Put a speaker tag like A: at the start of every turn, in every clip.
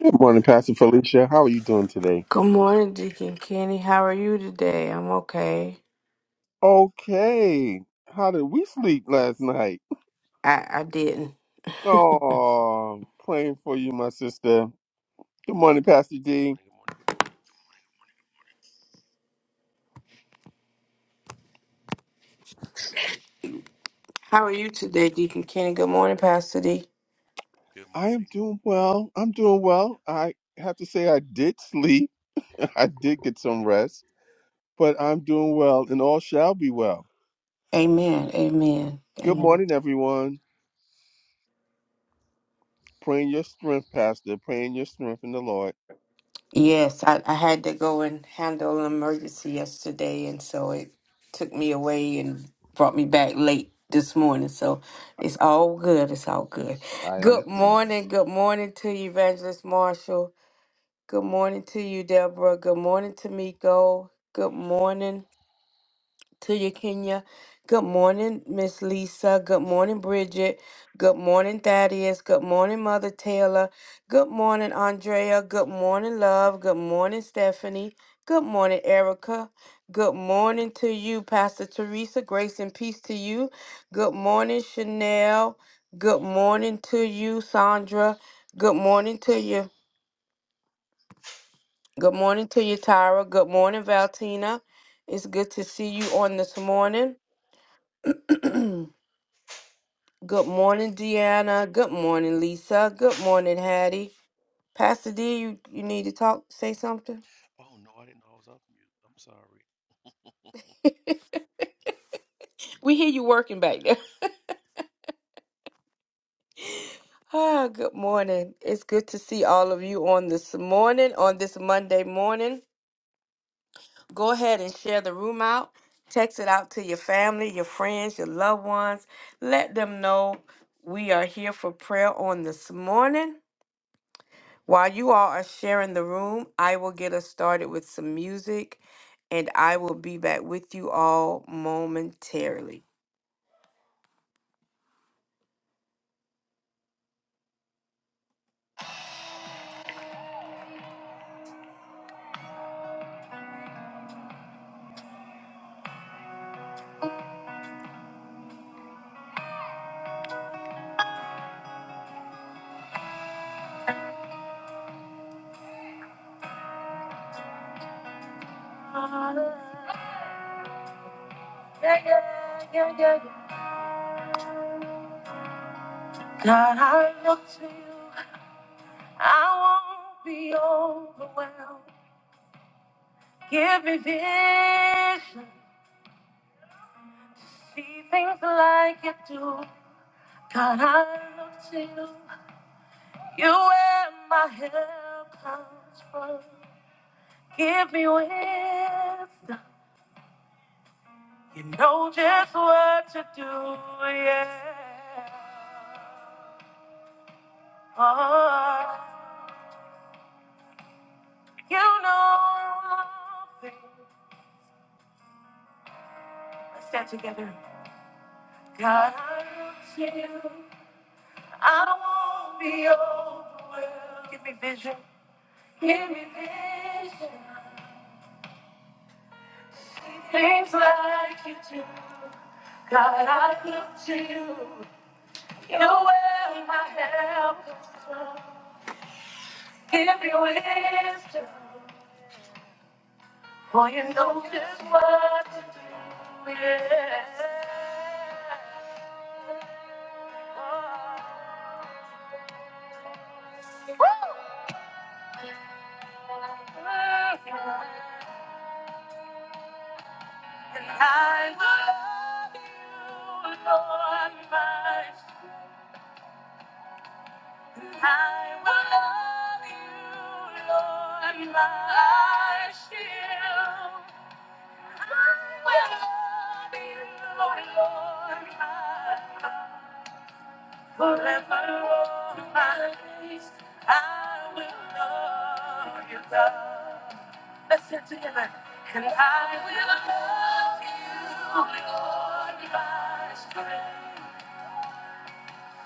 A: Good morning, Pastor Felicia. How are you doing today?
B: Good morning, Deacon Kenny. How are you today? I'm okay.
A: Okay. How did we sleep last night?
B: I, I didn't.
A: Oh, praying for you, my sister. Good morning, Pastor
C: Good
A: D.
C: morning. Good morning. Good morning.
B: How are you today, Deacon Kenny? Good morning, Pastor D.
C: Good
A: I am
C: morning.
A: doing well. I'm doing well. I have to say, I did sleep. I did get some rest, but I'm doing well, and all shall be well.
B: Amen. Amen.
A: Good
B: Amen.
A: morning, everyone. Praying your strength, Pastor. Praying your strength in the Lord.
B: Yes, I, I had to go and handle an emergency yesterday, and so it took me away and brought me back late this morning. So it's all good. It's all good.
A: I
B: Good
A: understand.
B: morning. Good morning to you, Evangelist Marshall. Good morning to you, Deborah. Good morning to Miko. Good morning. to you, Kenya. Good morning, Miss Lisa. Good morning, Bridget. Good morning, Thaddeus. Good morning, Mother Taylor. Good morning, Andrea. Good morning, Love. Good morning, Stephanie. Good morning, Erica. Good morning to you, Pastor Teresa. Grace and peace to you. Good morning, Chanel. Good morning to you, Sandra. Good morning to you. Good morning to you, Tyra. Good morning, Valtina. It's good to see you on this morning. Good morning, Deanna. Good morning, Lisa. Good morning, Hattie. Pastor D, you, you need to talk, say something?
C: Oh no, I didn't know I was off mute. I'm sorry.
B: We hear you working back there. Ah, good morning. It's good to see all of you on this morning, on this Monday morning. Go ahead and share the room out. Text it out to your family, your friends, your loved ones. Let them know we are here for prayer on this morning. While you all are sharing the room, I will get us started with some music and I will be back with you all momentarily. God, I look to you. I won't be overwhelmed. Give me vision to see things like you do. God, I look to you. You where my help comes from. Give me wisdom. You know just what to do, yeah. Oh, you know all things. Let's stand together. God, I want you. I don't want to be overwhelmed. Give me vision. Give me vision. Things like you do, God, I look to you. You're where my help comes from. Give me wisdom, for you know just what to do. Yeah. And I will love you, Lord, my might. I will love you, Lord, my shield. I will love you, Lord, my God. forever, Lord, my peace, I will love you, God. Let's sing together. And I will love you, Lord, my strength.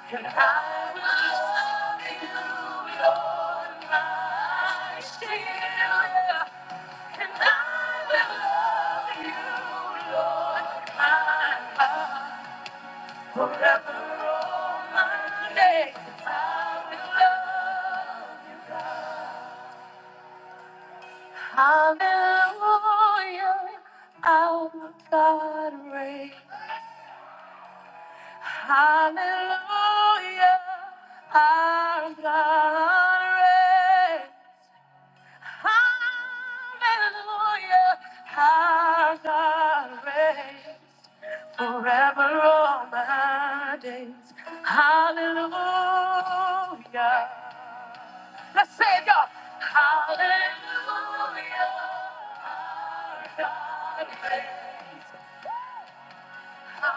B: And I will love you, Lord, my Savior. And I will love you, Lord, my God. Forever, all my days, I will love. Hallelujah, our God reigns. Hallelujah, our God reigns. Hallelujah, how thou reigns forever all my days. Hallelujah. Let's say it, y'all. Hallelujah. our God reigns. Say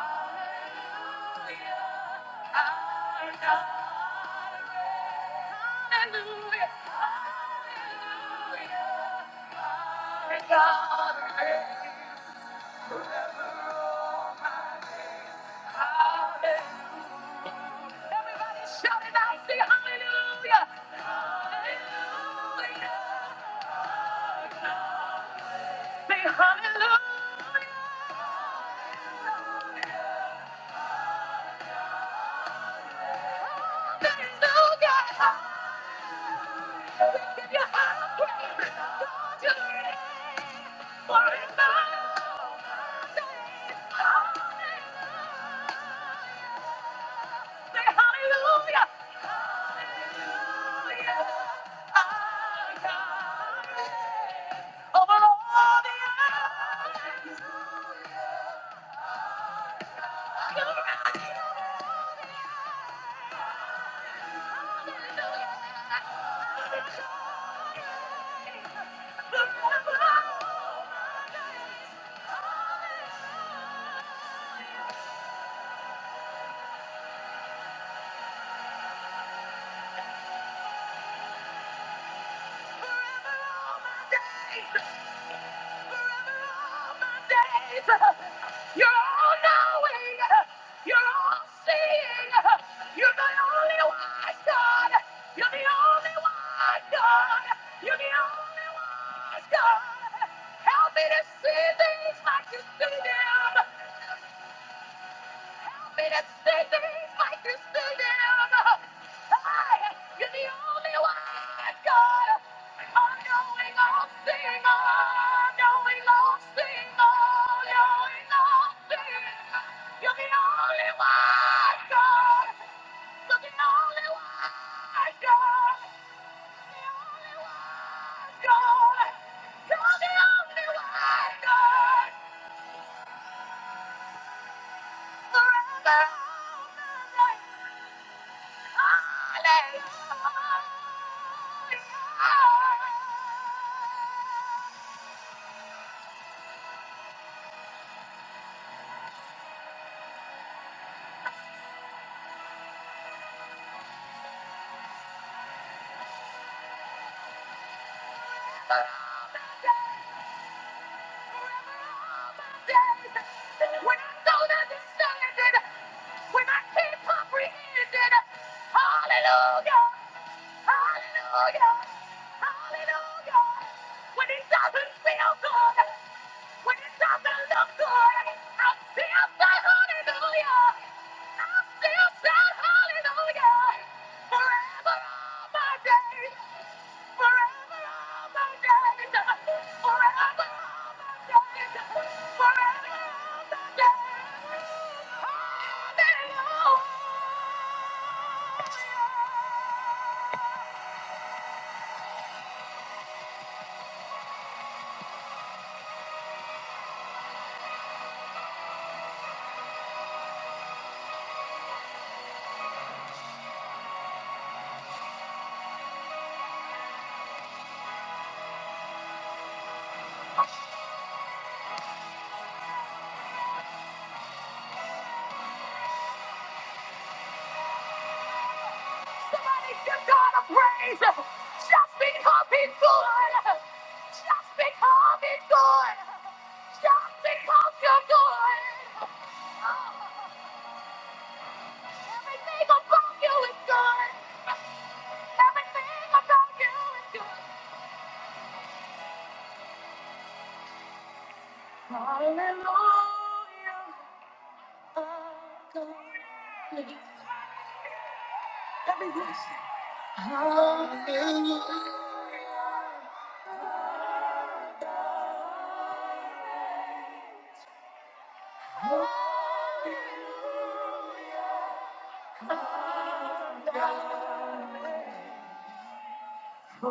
B: hallelujah. Forever all my days. You're all knowing. You're all seeing. You're the only wise God. You're the only wise God. You're the only wise God. Help me to see things like you see them me to say things like you still do. Hey, you're the only one, God. All knowing, all seeing, all knowing, all seeing, all knowing, all seeing. You're the only one, God. You're the only one, God. The only one, God. You're the only one, God. Forever, Hallelujah. When I don't understand it, when I can't comprehend it, hallelujah, hallelujah, hallelujah. When it doesn't feel good, when it doesn't look good, I still say hallelujah. I still say hallelujah. Forever all my days. Somebody give God a praise. Just Just Just because because because He's He's good. good. good. You're good. Everything about you is good. Everything about you is good.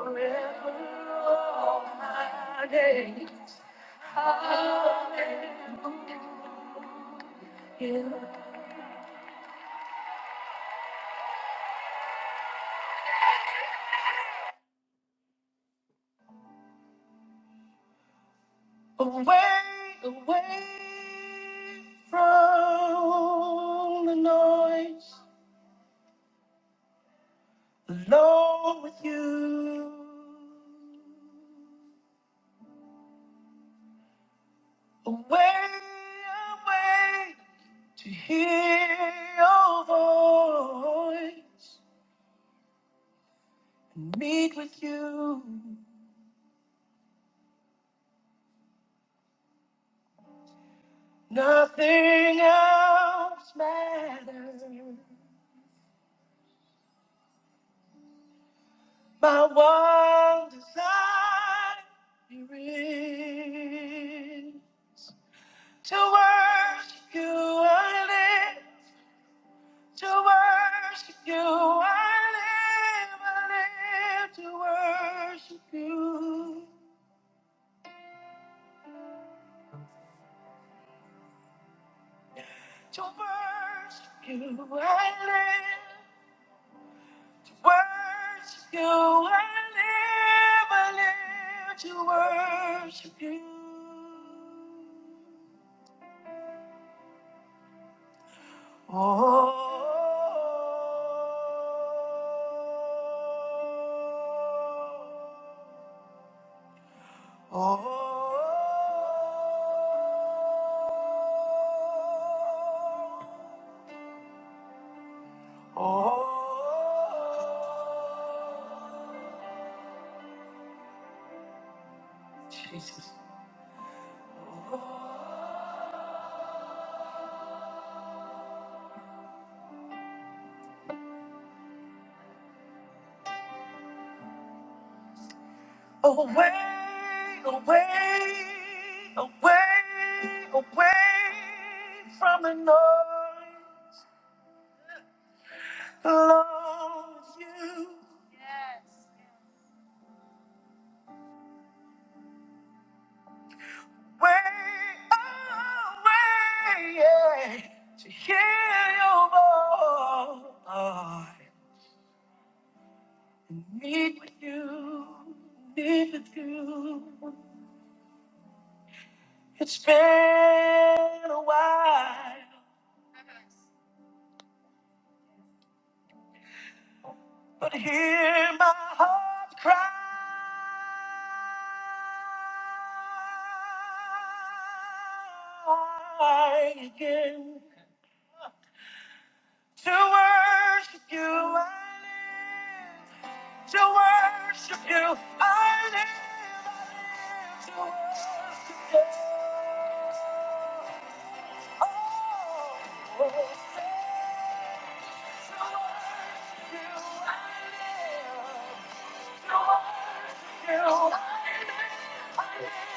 B: Forever all my days. Away, away from the noise, alone with you. Away, away to hear your voice and meet with you. Nothing else matters. My one desire is to worship you. I live to worship you. I live, I live to worship you. To worship you, I live. To worship you, I live. I live to worship you. Oh, Jesus. Away, away, away, away from the noise. Love you. Yes. away, yeah, to hear your voice and meet with you, meet with you. It's been a while, but hear my heart cry. Again. To worship you, I live. To worship you, I live. To worship you. Oh, to worship you, I live. To worship you, I live. To worship you, I live.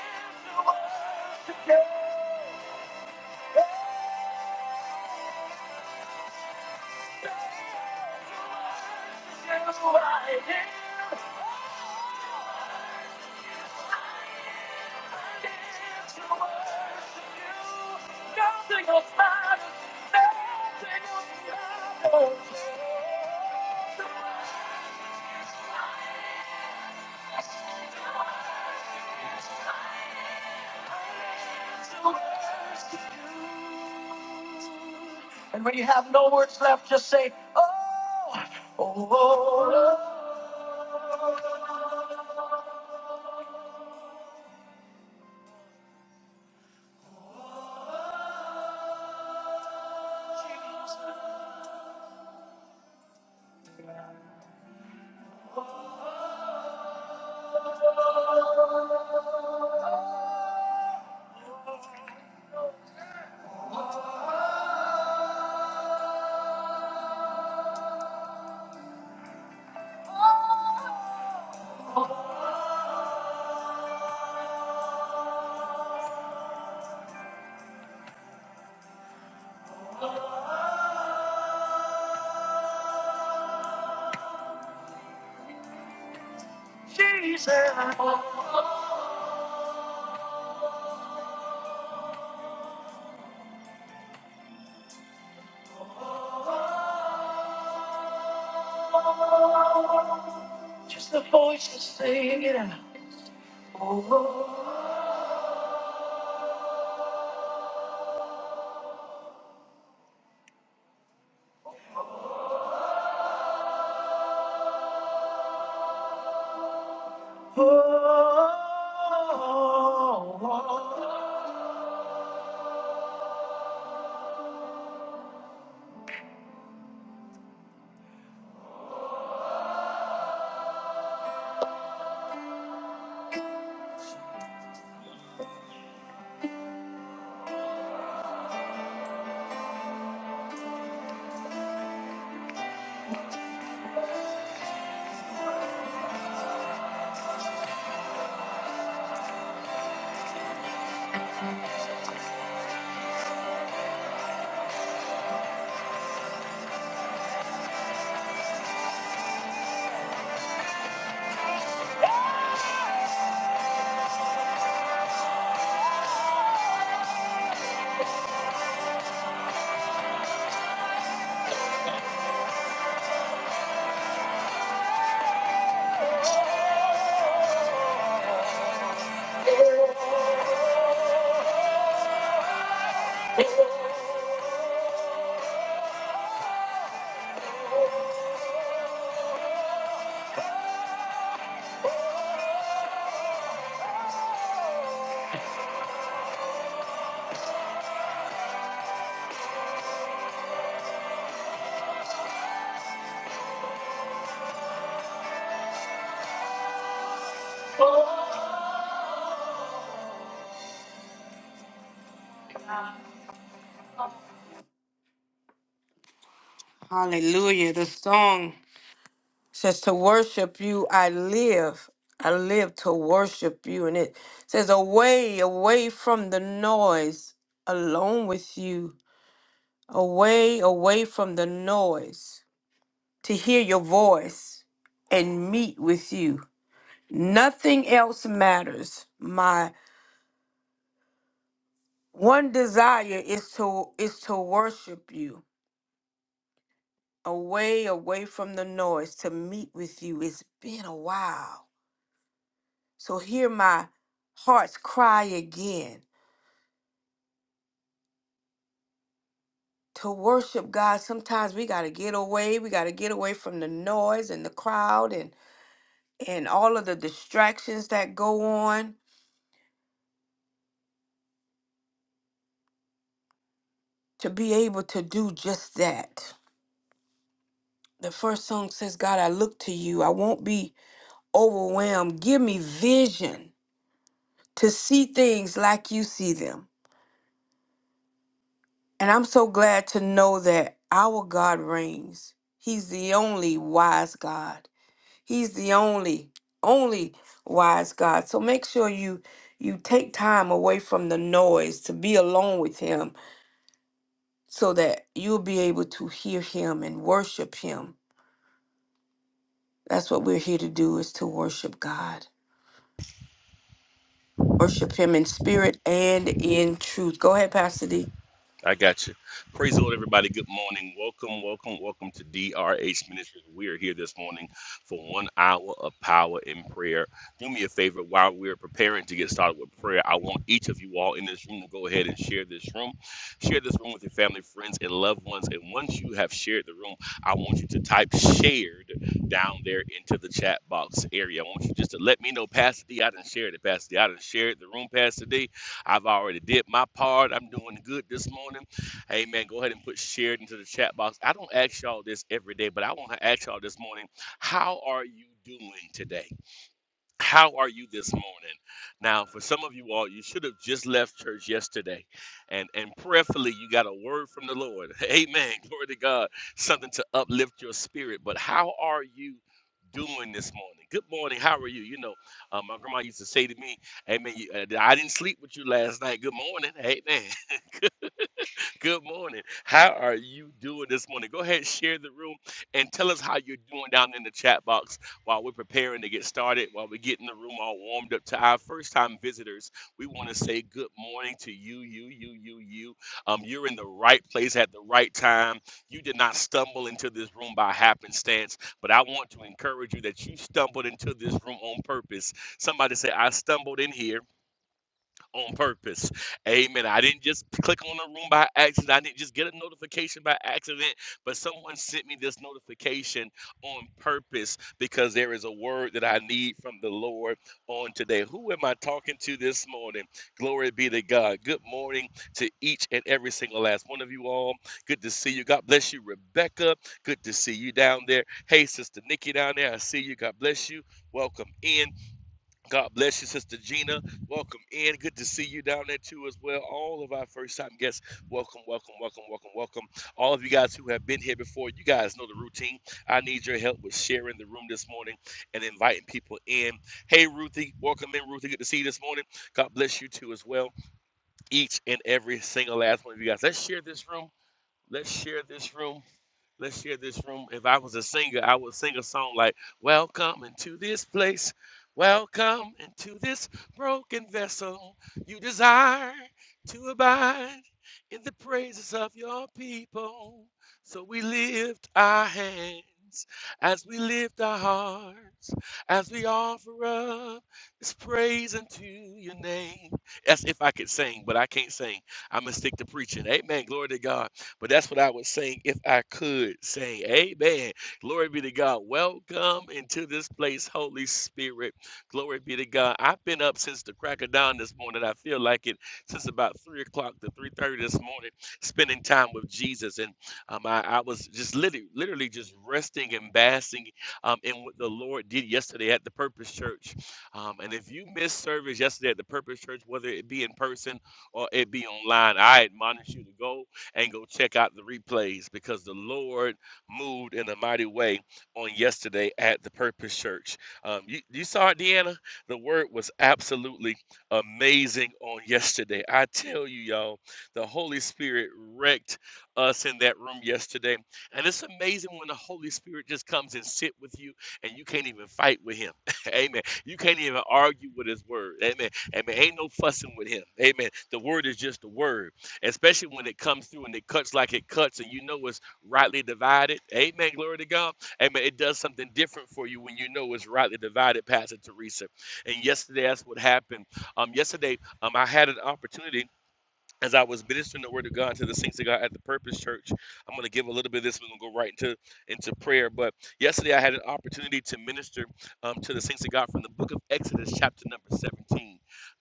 B: To worship you, I live. Nothing will matter. Nothing will matter. To worship you. And when you have no words left, just say, Oh, oh, oh, oh, Jesus. Just the voice is singing. Oh, oh, oh, oh. Hallelujah. The song. says to worship you i live i live to worship you and it says away away from the noise alone with you away away from the noise to hear your voice and meet with you nothing else matters my one desire is to is to worship you away away from the noise to meet with you it's been a while So hear my heart's cry again. To worship God, sometimes we got to get away. We got to get away from the noise and the crowd and and all of the distractions that go on to be able to do just that. The first song says, "God, I look to you. I won't be overwhelmed. Give me vision to see things like you see them." And I'm so glad to know that our God reigns. He's the only wise God. He's the only, only wise God. So make sure you you take time away from the noise to be alone with him so that you'll be able to hear him and worship him. That's what we're here to do is to worship God. Worship him in spirit and in truth. Go ahead, Pastor D.
C: I got you. Praise the Lord, everybody. Good morning. Welcome, welcome, welcome to DRH Ministries. We are here this morning for one hour of power in prayer. Do me a favor while we're preparing to get started with prayer. I want each of you all in this room to go ahead and share this room. Share this room with your family, friends, and loved ones. And once you have shared the room, I want you to type shared down there into the chat box area. I want you just to let me know, Pastor D, I done shared it. Pastor D, I done shared the room, Pastor D. I've already did my part. I'm doing good this morning. Amen. Go ahead and put shared into the chat box. I don't ask y'all this every day, but I want to ask y'all this morning. How are you doing today? How are you this morning? Now, for some of you all, you should have just left church yesterday, and and prayerfully, you got a word from the Lord. Amen. Glory to God. Something to uplift your spirit. But how are you? Doing this morning. Good morning. How are you? You know, uh, my grandma used to say to me, "Amen." you- uh, I didn't sleep with you last night. Good morning. Amen. Good morning. How are you doing this morning? Go ahead, share the room, and tell us how you're doing down in the chat box while we're preparing to get started, while we're getting the room all warmed up. To our first time visitors, we want to say good morning to you, you, you, you, you. Um, you're in the right place at the right time. You did not stumble into this room by happenstance, but I want to encourage you that you stumbled into this room on purpose. Somebody say, I stumbled in here on purpose. Amen. I didn't just click on the room by accident. I didn't just get a notification by accident, but someone sent me this notification on purpose because there is a word that I need from the Lord on today. Who am I talking to this morning? Glory be to God. Good morning to each and every single last one of you all. Good to see you. God bless you, Rebecca. Good to see you down there. Hey, Sister Nikki down there. I see you. God bless you. Welcome in. God bless you, Sister Gina. Welcome in. Good to see you down there too, as well. All of our first time guests, welcome, welcome, welcome, welcome, welcome. All of you guys who have been here before, you guys know the routine. I need your help with sharing the room this morning and inviting people in. Hey, Ruthie, welcome in, Ruthie. Good to see you this morning. God bless you too, as well. Each and every single last one of you guys. Let's share this room. Let's share this room. Let's share this room. If I was a singer, I would sing a song like, Welcome into this place. Welcome into this broken vessel. You desire to abide in the praises of your people. So we lift our hands as we lift our hearts, as we offer up this praise unto your name. That's if I could sing, but I can't sing. I'm going to stick to preaching. Amen. Glory to God. But that's what I would sing if I could sing. Amen. Glory be to God. Welcome into this place, Holy Spirit. Glory be to God. I've been up since the crack of dawn this morning. I feel like it since about three o'clock to three thirty this morning, spending time with Jesus. And um, I, I was just literally, literally just resting and basking um, in what the Lord did yesterday at the Purpose Church. Um, and if you missed service yesterday at the Purpose Church, whether it be in person or it be online, I admonish you to go and go check out the replays because the Lord moved in a mighty way on yesterday at the Purpose Church. Um, you, you saw it, Deanna? The word was absolutely amazing on yesterday. I tell you, y'all, the Holy Spirit wrecked us in that room yesterday. And it's amazing when the Holy Spirit just comes and sit with you and you can't even fight with him. Amen. You can't even argue with his word. Amen. Amen. Ain't no fussing with him. Amen. The word is just the word especially when it comes through and it cuts like it cuts and you know it's rightly divided. Amen. Glory to God. Amen. It does something different for you when you know it's rightly divided, Pastor Teresa. And yesterday, that's what happened. Um, yesterday, um, I had an opportunity as I was ministering the word of God to the saints of God at the Purpose Church, I'm going to give a little bit of this. We're going to go right into into prayer. But yesterday, I had an opportunity to minister um, to the saints of God from the Book of Exodus, chapter number 17.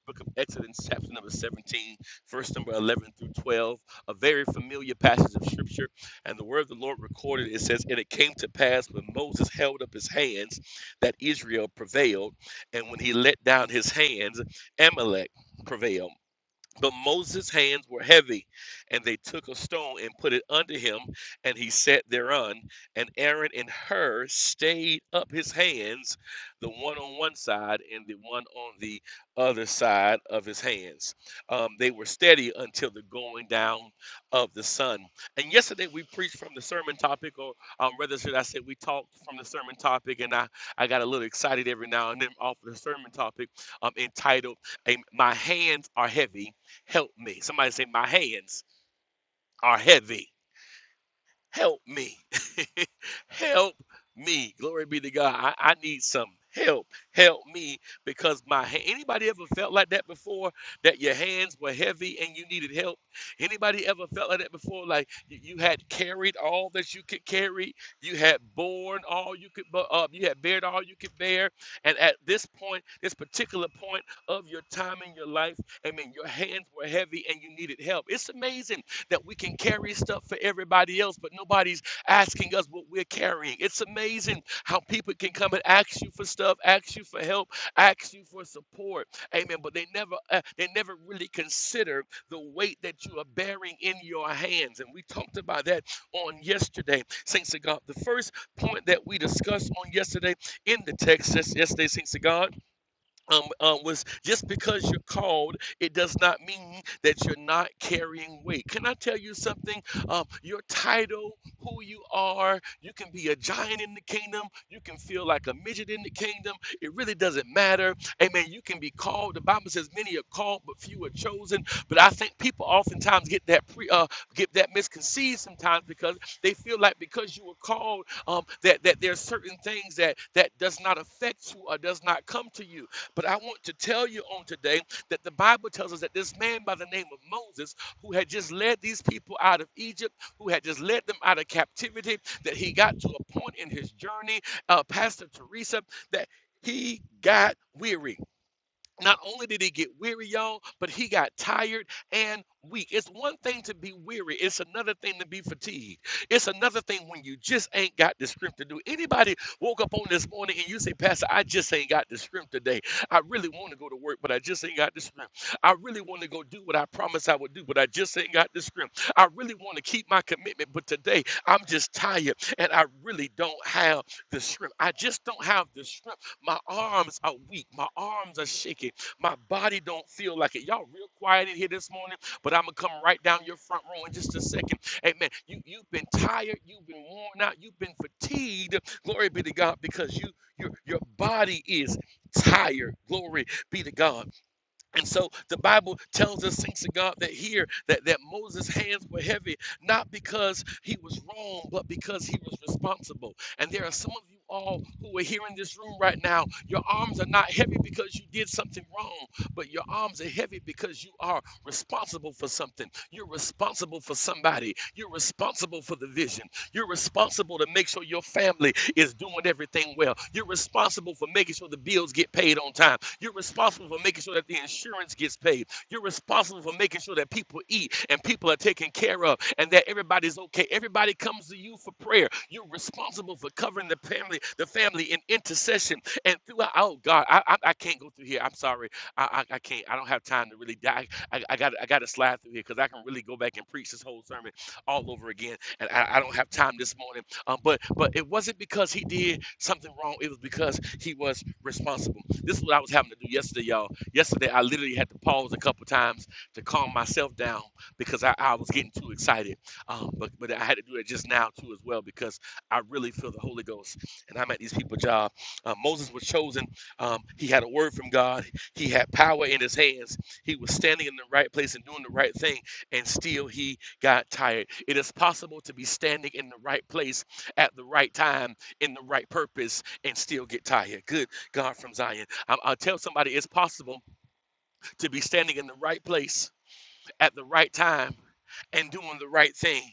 C: Book of Exodus, chapter number 17, verse number 11 through 12, a very familiar passage of scripture. And the word of the Lord recorded it says, And it came to pass when Moses held up his hands that Israel prevailed, and when he let down his hands, Amalek prevailed. But Moses' hands were heavy, and they took a stone and put it under him, and he sat thereon. And Aaron and Hur stayed up his hands, the one on one side and the one on the other side of his hands. Um, they were steady until the going down of the sun. And yesterday we preached from the sermon topic, or um, rather, should I say, we talked from the sermon topic, and I, I got a little excited every now and then off of the sermon topic um, entitled, um, My Hands Are Heavy Help me. Somebody say, My hands are heavy help me. help me. Glory be to God. I, I need some help. Help me because my ha- anybody ever felt like that before that your hands were heavy and you needed help? Anybody ever felt like that before like you, you had carried all that you could carry, you had borne all you could bu- uh, you had bared all you could bear and at this point, this particular point of your time in your life, I mean your hands were heavy and you needed help. It's amazing that we can carry stuff for everybody else, but nobody's asking us what we're carrying. It's amazing how people can come and ask you for stuff, ask you for help, ask you for support. Amen. But they never uh, they never really consider the weight that you are bearing in your hands. And we talked about that on yesterday. Saints of God. The first point that we discussed on yesterday in the text, yes- yesterday, Saints of God um, um, was just because you're called, it does not mean that you're not carrying weight. Can I tell you something? Um, your title, who you are, you can be a giant in the kingdom, you can feel like a midget in the kingdom. It really doesn't matter. Amen. You can be called. The Bible says many are called, but few are chosen. But I think people oftentimes get that pre, uh, get that misconceived sometimes because they feel like because you were called, um, that that there's certain things that that does not affect you or does not come to you. But I want to tell you on today that the Bible tells us that this man by the name of Moses, who had just led these people out of Egypt, who had just led them out of captivity, that he got to a point in his journey, uh, Pastor Teresa, that he got weary not only did he get weary, y'all, but he got tired and weak. It's one thing to be weary, it's another thing to be fatigued. It's another thing when you just ain't got the strength to do. Anybody woke up on this morning and you say, Pastor, I just ain't got the strength today. I really want to go to work, but I just ain't got the strength. I really want to go do what I promised I would do, but I just ain't got the strength. I really want to keep my commitment, but today I'm just tired and I really don't have the strength. I just don't have the strength my arms are weak. My arms are shaking. My body don't feel like it. Y'all real quiet in here this morning, but I'm gonna come right down your front row in just a second. Amen. You you've been tired. You've been worn out. You've been fatigued. Glory be to God because you your your body is tired. Glory be to God. And so the Bible tells us, thanks to God, that here that, that Moses' hands were heavy, not because he was wrong, but because he was responsible. And there are some of you all who are here in this room right now. Your arms are not heavy because you did something wrong, but your arms are heavy because you are responsible for something. You're responsible for somebody. You're responsible for the vision. You're responsible to make sure your family is doing everything well. You're responsible for making sure the bills get paid on time. You're responsible for making sure that the insurance gets paid. You're responsible for making sure that people eat and people are taken care of and that everybody's okay. Everybody comes to you for prayer. You're responsible for covering the family, the family in intercession and throughout. Oh God, I I, I can't go through here. I'm sorry. I, I I can't. I don't have time to really die. I, I got I got to slide through here because I can really go back and preach this whole sermon all over again. And I, I don't have time this morning. Um, but but it wasn't because he did something wrong. It was because he was responsible. This is what I was having to do yesterday, y'all. Yesterday I literally had to pause a couple times to calm myself down because I, I was getting too excited. Um, but but I had to do it just now too as well because I really feel the Holy Ghost. And I'm at these people's job. Uh, Moses was chosen. Um, he had a word from God. He had power in his hands. He was standing in the right place and doing the right thing, and still he got tired. It is possible to be standing in the right place at the right time in the right purpose and still get tired. Good God from Zion. I- I'll tell somebody it's possible to be standing in the right place at the right time and doing the right thing,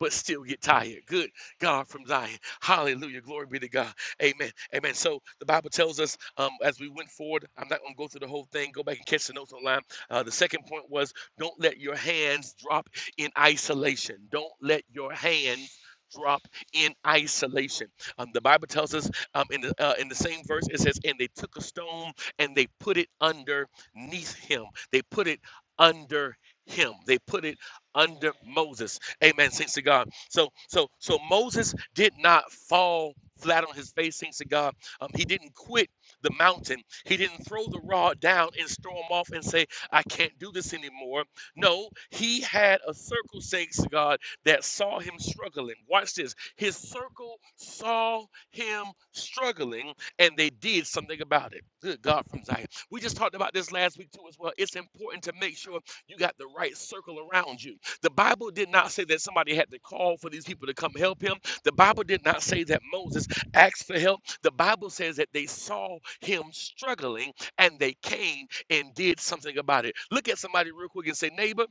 C: but still get tired. Good God from Zion. Hallelujah. Glory be to God. Amen. Amen. So the Bible tells us um, as we went forward, I'm not going to go through the whole thing. Go back and catch the notes online. Uh, the second point was don't let your hands drop in isolation. Don't let your hands drop in isolation. Um, the Bible tells us um, in the uh, in the same verse it says, "And they took a stone and they put it underneath him. They put it under him. They put it under Moses. Amen. Thanks to God. So so so Moses did not fall flat on his face. Thanks to God. Um, he didn't quit the mountain. He didn't throw the rod down and storm off and say, I can't do this anymore. No, he had a circle, thanks to God, that saw him struggling. Watch this. His circle saw him struggling and they did something about it. Good God from Zion. We just talked about this last week too as well. It's important to make sure you got the right circle around you. The Bible did not say that somebody had to call for these people to come help him. The Bible did not say that Moses asked for help. The Bible says that they saw him struggling and they came and did something about it. Look at somebody real quick and say, neighbor,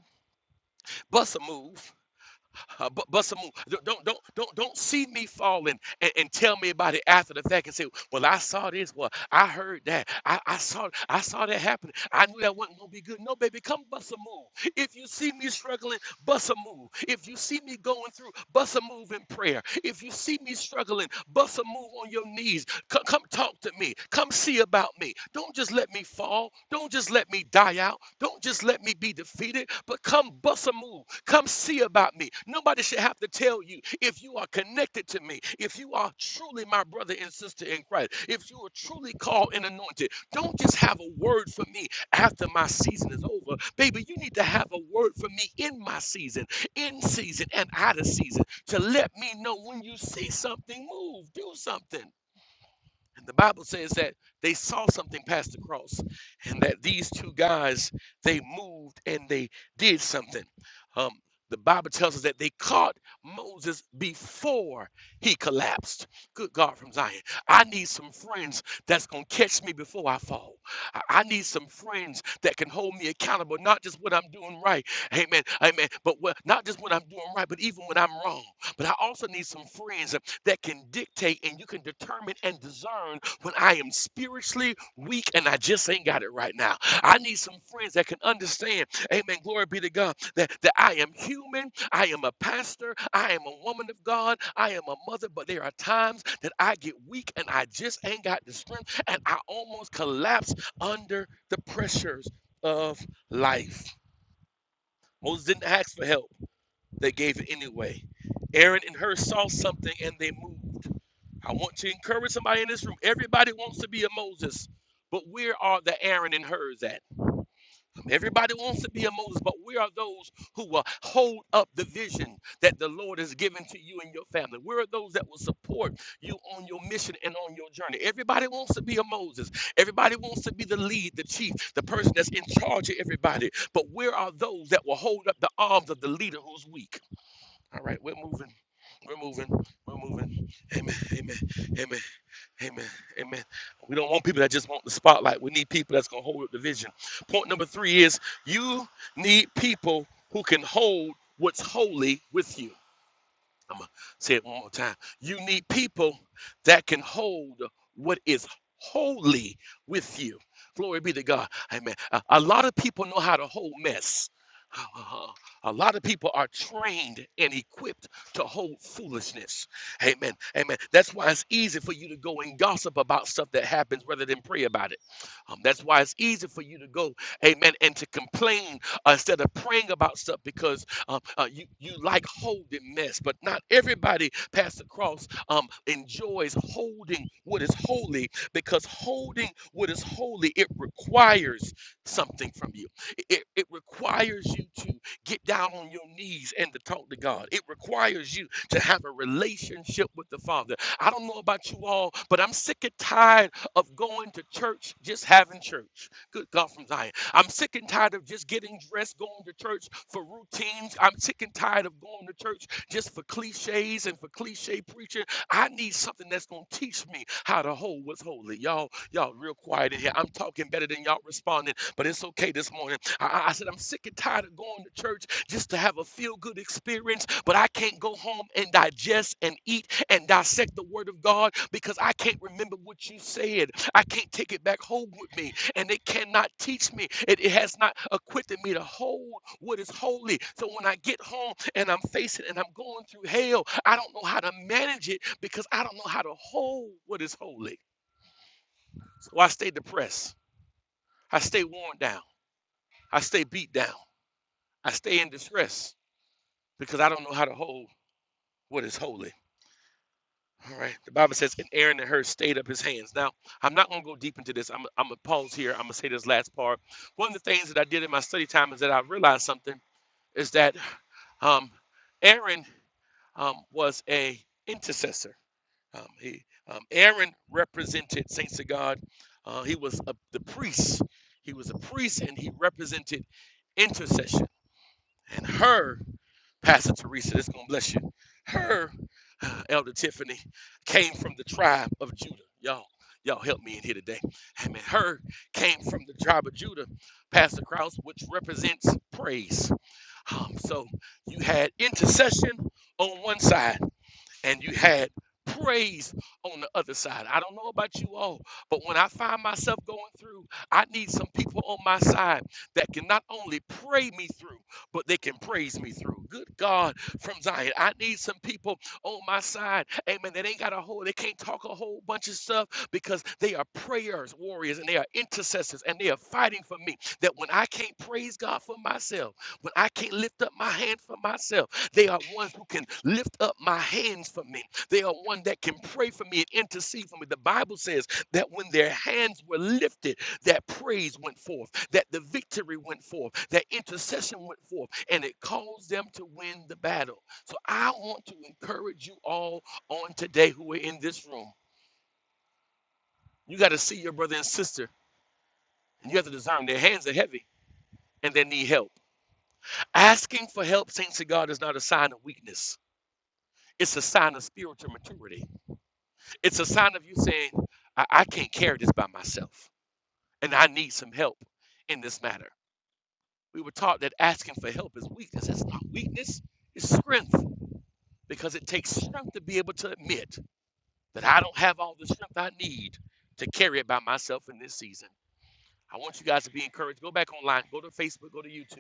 C: bust a move. Uh, but bust a move. Don't don't don't don't don't see me falling and, and tell me about it after the fact and say, well, I saw this. Well, I heard that. I, I saw I saw that happen. I knew that wasn't gonna be good. No, baby, come bust a move. If you see me struggling, bust a move. If you see me going through, bust a move in prayer. If you see me struggling, bust a move on your knees. Co- Come, talk to me. Come see about me. Don't just let me fall. Don't just let me die out. Don't just let me be defeated, but come bust a move. Come see about me. Nobody should have to tell you if you are connected to me, if you are truly my brother and sister in Christ, if you are truly called and anointed. Don't just have a word for me after my season is over. Baby, you need to have a word for me in my season, in season and out of season to let me know when you see something move, do something. And the Bible says that they saw something past the cross, and that these two guys they moved and they did something. Um, the Bible tells us that they caught Moses before he collapsed. Good God from Zion. I need some friends that's going to catch me before I fall. I I need some friends that can hold me accountable, not just what I'm doing right. Amen. Amen. But what, not just what I'm doing right, but even when I'm wrong. But I also need some friends that can dictate and you can determine and discern when I am spiritually weak and I just ain't got it right now. I need some friends that can understand, amen, glory be to God, that, that I am human, I am a pastor, I am a woman of God, I am a mother, but there are times that I get weak and I just ain't got the strength and I almost collapse under the pressures of life. Moses didn't ask for help. They gave it anyway. Aaron and Hur saw something and they moved. I want to encourage somebody in this room. Everybody wants to be a Moses, but where are the Aaron and Hur's at? Everybody wants to be a Moses, but where are those who will hold up the vision that the Lord has given to you and your family? Where are those that will support you on your mission and on your journey? Everybody wants to be a Moses. Everybody wants to be the lead, the chief, the person that's in charge of everybody. But where are those that will hold up the arms of the leader who's weak? All right, we're moving. We're moving. We're moving. Amen. Amen. Amen. Amen. Amen. We don't want people that just want the spotlight. We need people that's going to hold up the vision. Point number three is you need people who can hold what's holy with you. I'm going to say it one more time. You need people that can hold what is holy with you. Glory be to God. Amen. A, a lot of people know how to hold mess. Uh, A lot of people are trained and equipped to hold foolishness. Amen. Amen. That's why it's easy for you to go and gossip about stuff that happens rather than pray about it. Um, that's why it's easy for you to go, amen, and to complain uh, instead of praying about stuff because um, uh, you you like holding mess, but not everybody, Pastor Cross, um, enjoys holding what is holy because holding what is holy it requires something from you. It, it it requires you to get down on your knees and to talk to God. It requires you to have a relationship with the Father. I don't know about you all, but I'm sick and tired of going to church just having church. Good God from Zion. I'm sick and tired of just getting dressed, going to church for routines. I'm sick and tired of going to church just for cliches and for cliche preaching. I need something that's going to teach me how to hold what's holy. Y'all, y'all real quiet in here. I'm talking better than y'all responding, but it's okay this morning. I, I I said, I'm sick and tired of going to church just to have a feel good experience, but I can't go home and digest and eat and dissect the word of God because I can't remember what you said. I can't take it back home with me and it cannot teach me. It, it has not equipped me to hold what is holy. So when I get home and I'm facing and I'm going through hell, I don't know how to manage it because I don't know how to hold what is holy. So I stay depressed. I stay worn down. I stay beat down. I stay in distress because I don't know how to hold what is holy. All right. The Bible says, and Aaron and Hur stayed up his hands. Now, I'm not going to go deep into this. I'm, I'm going to pause here. I'm going to say this last part. One of the things that I did in my study time is that I realized something is that um, Aaron um, was a intercessor. Um, he, um, Aaron represented saints of God. Uh, he was a, the priest. He was a priest, and he represented intercession. And her, Pastor Teresa, this gonna bless you. Her, uh, Elder Tiffany, came from the tribe of Judah. Y'all, y'all help me in here today. Amen. Her came from the tribe of Judah, Pastor Krause, which represents praise um, so you had intercession on one side and you had praise on the other side. I don't know about you all, but when I find myself going through, I need some people on my side that can not only pray me through, but they can praise me through. Good God from Zion. I need some people on my side, amen, that ain't got a whole, they can't talk a whole bunch of stuff because they are prayers, warriors, and they are intercessors, and they are fighting for me. That when I can't praise God for myself, when I can't lift up my hand for myself, they are ones who can lift up my hands for me. They are one that can pray for me and intercede for me. The Bible says that when their hands were lifted, that praise went forth, that the victory went forth, that intercession went forth, and it caused them to win the battle. So I want to encourage you all on today who are in this room. You got to see your brother and sister, and you have to discern their hands are heavy and they need help. Asking for help, saints of God, is not a sign of weakness. It's a sign of spiritual maturity. It's a sign of you saying, I, I can't carry this by myself and I need some help in this matter. We were taught that asking for help is weakness. It's not weakness, it's strength because it takes strength to be able to admit that I don't have all the strength I need to carry it by myself in this season. I want you guys to be encouraged. Go back online, go to Facebook, go to YouTube.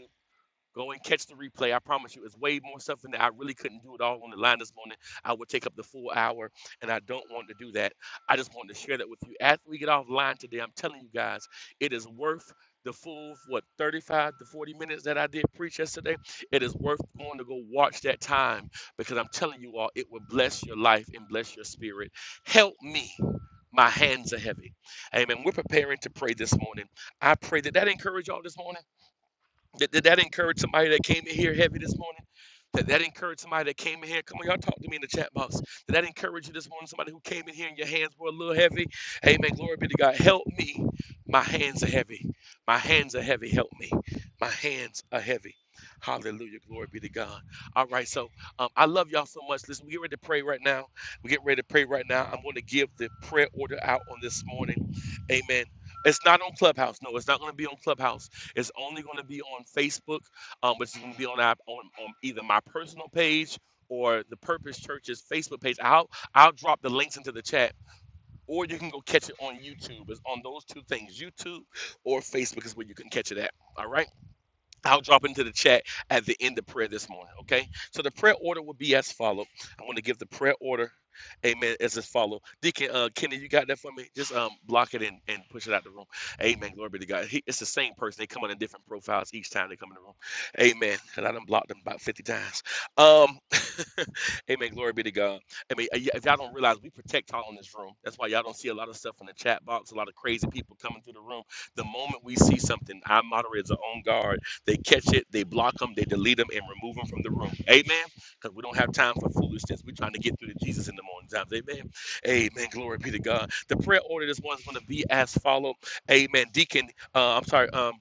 C: Go and catch the replay. I promise you, it's way more stuff in there. I really couldn't do it all on the line this morning. I would take up the full hour, and I don't want to do that. I just wanted to share that with you. After we get offline today, I'm telling you guys, it is worth the full, what, 35 to 40 minutes that I did preach yesterday. It is worth going to go watch that time because I'm telling you all, it will bless your life and bless your spirit. Help me. My hands are heavy. Amen. We're preparing to pray this morning. I pray that that encouraged y'all this morning. Did, did that encourage somebody that came in here heavy this morning? Did that encourage somebody that came in here. Come on, y'all talk to me in the chat box. Did that encourage you this morning? Somebody who came in here and your hands were a little heavy. Amen. Glory be to God. Help me. My hands are heavy. My hands are heavy. Help me. My hands are heavy. Hallelujah. Glory be to God. All right. So um, I love y'all so much. Listen, we get ready to pray right now. We get ready to pray right now. I'm going to give the prayer order out on this morning. Amen. It's not on Clubhouse. No, it's not going to be on Clubhouse. It's only going to be on Facebook, um, which is going to be on, our, on on either my personal page or the Purpose Church's Facebook page. I'll I'll drop the links into the chat, or you can go catch it on YouTube. It's on those two things, YouTube or Facebook, is where you can catch it at. All right. I'll drop into the chat at the end of prayer this morning, okay? So the prayer order will be as follow. I'm going to give the prayer order, amen, as as follow. Deacon uh, Kenny, you got that for me? Just um, block it and, and push it out the room. Amen. Glory be to God. He, it's the same person. They come on in different profiles each time they come in the room. Amen. And I done blocked them about 50 times. Um, Amen. Glory be to God. I mean, y- if y'all don't realize, we protect y'all in this room. That's why y'all don't see a lot of stuff in the chat box, a lot of crazy people coming through the room. The moment we see something, our moderators are on guard. They catch it, they block them, they delete them, and remove them from the room. Amen. Because we don't have time for foolishness. We're trying to get through to Jesus in the morning times. Amen. Amen. Glory be to God. The prayer order this one's going to be as follow. Amen. Deacon, uh, I'm sorry. um,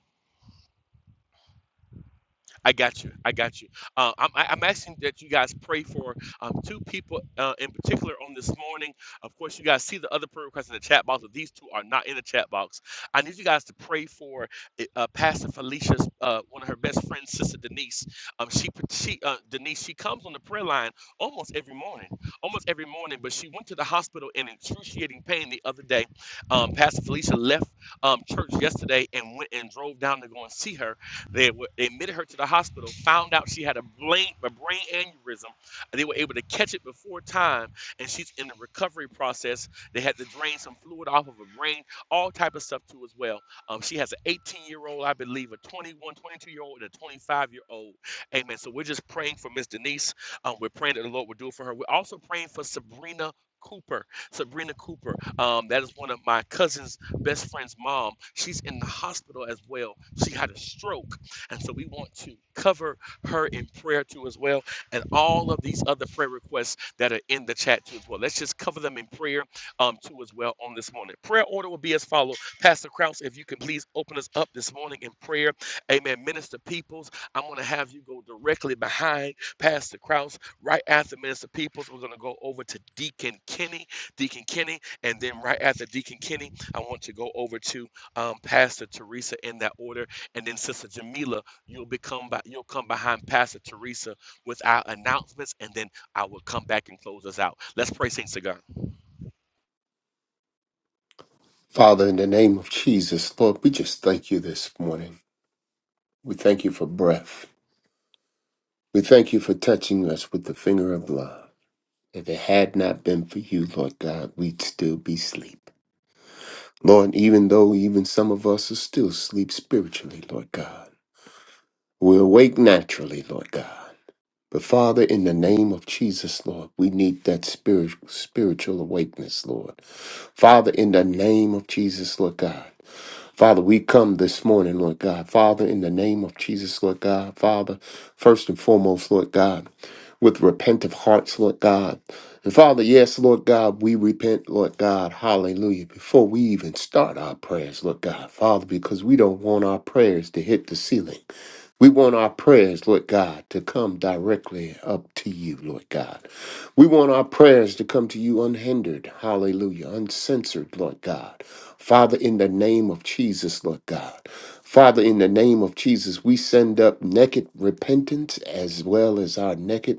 C: I got you. I got you. Uh, I'm, I- I'm asking that you guys pray for um, two people uh, in particular on this morning. Of course, you guys see the other prayer requests in the chat box, but these two are not in the chat box. I need you guys to pray for uh, Pastor Felicia's uh, one of her best friends, Sister Denise. Um, she, she uh, Denise, she comes on the prayer line almost every morning, almost every morning. But she went to the hospital in excruciating pain the other day. Um, Pastor Felicia left um, church yesterday and went and drove down to go and see her they were, they admitted her to the hospital, found out she had a brain, a brain aneurysm. They were able to catch it before time, and she's in the recovery process. They had to drain some fluid off of her brain, all type of stuff too as well. Um, she has an 18-year-old, I believe, a 21, 22-year-old, and a 25-year-old. Amen. So we're just praying for Miss Denise. Um, we're praying that the Lord will do it for her. We're also praying for Sabrina Cooper. Sabrina Cooper. Um, that is one of my cousin's best friend's mom. She's in the hospital as well. She had a stroke. And so we want to cover her in prayer too as well, and all of these other prayer requests that are in the chat too as well. Let's just cover them in prayer um, too as well on this morning. Prayer order will be as follows. Pastor Krause, if you can please open us up this morning in prayer. Amen. Minister Peoples, I'm going to have you go directly behind Pastor Krause. Right after Minister Peoples, we're going to go over to Deacon Kenny, Deacon Kenny, and then right after Deacon Kenny, I want to go over to um, Pastor Teresa in that order and then Sister Jamila, you'll become by, you'll come behind Pastor Teresa with our announcements, and then I will come back and close us out. Let's pray, Saints of God.
D: Father, in the name of Jesus, Lord, we just thank you this morning. We thank you for breath. We thank you for touching us with the finger of love. If it had not been for you, Lord God, we'd still be asleep. Lord, even though even some of us are still asleep spiritually, Lord God, we're awake naturally, Lord God. But Father, in the name of Jesus, Lord, we need that spirit, spiritual awakeness, Lord. Father, in the name of Jesus, Lord God. Father, we come this morning, Lord God. Father, in the name of Jesus, Lord God. Father, first and foremost, Lord God, with repentant hearts, Lord God. And Father, yes, Lord God, we repent, Lord God. Hallelujah. Before we even start our prayers, Lord God. Father, because we don't want our prayers to hit the ceiling. We want our prayers, Lord God, to come directly up to you, Lord God. We want our prayers to come to you unhindered, hallelujah, uncensored, Lord God. Father, in the name of Jesus, Lord God. Father, in the name of Jesus, we send up naked repentance as well as our naked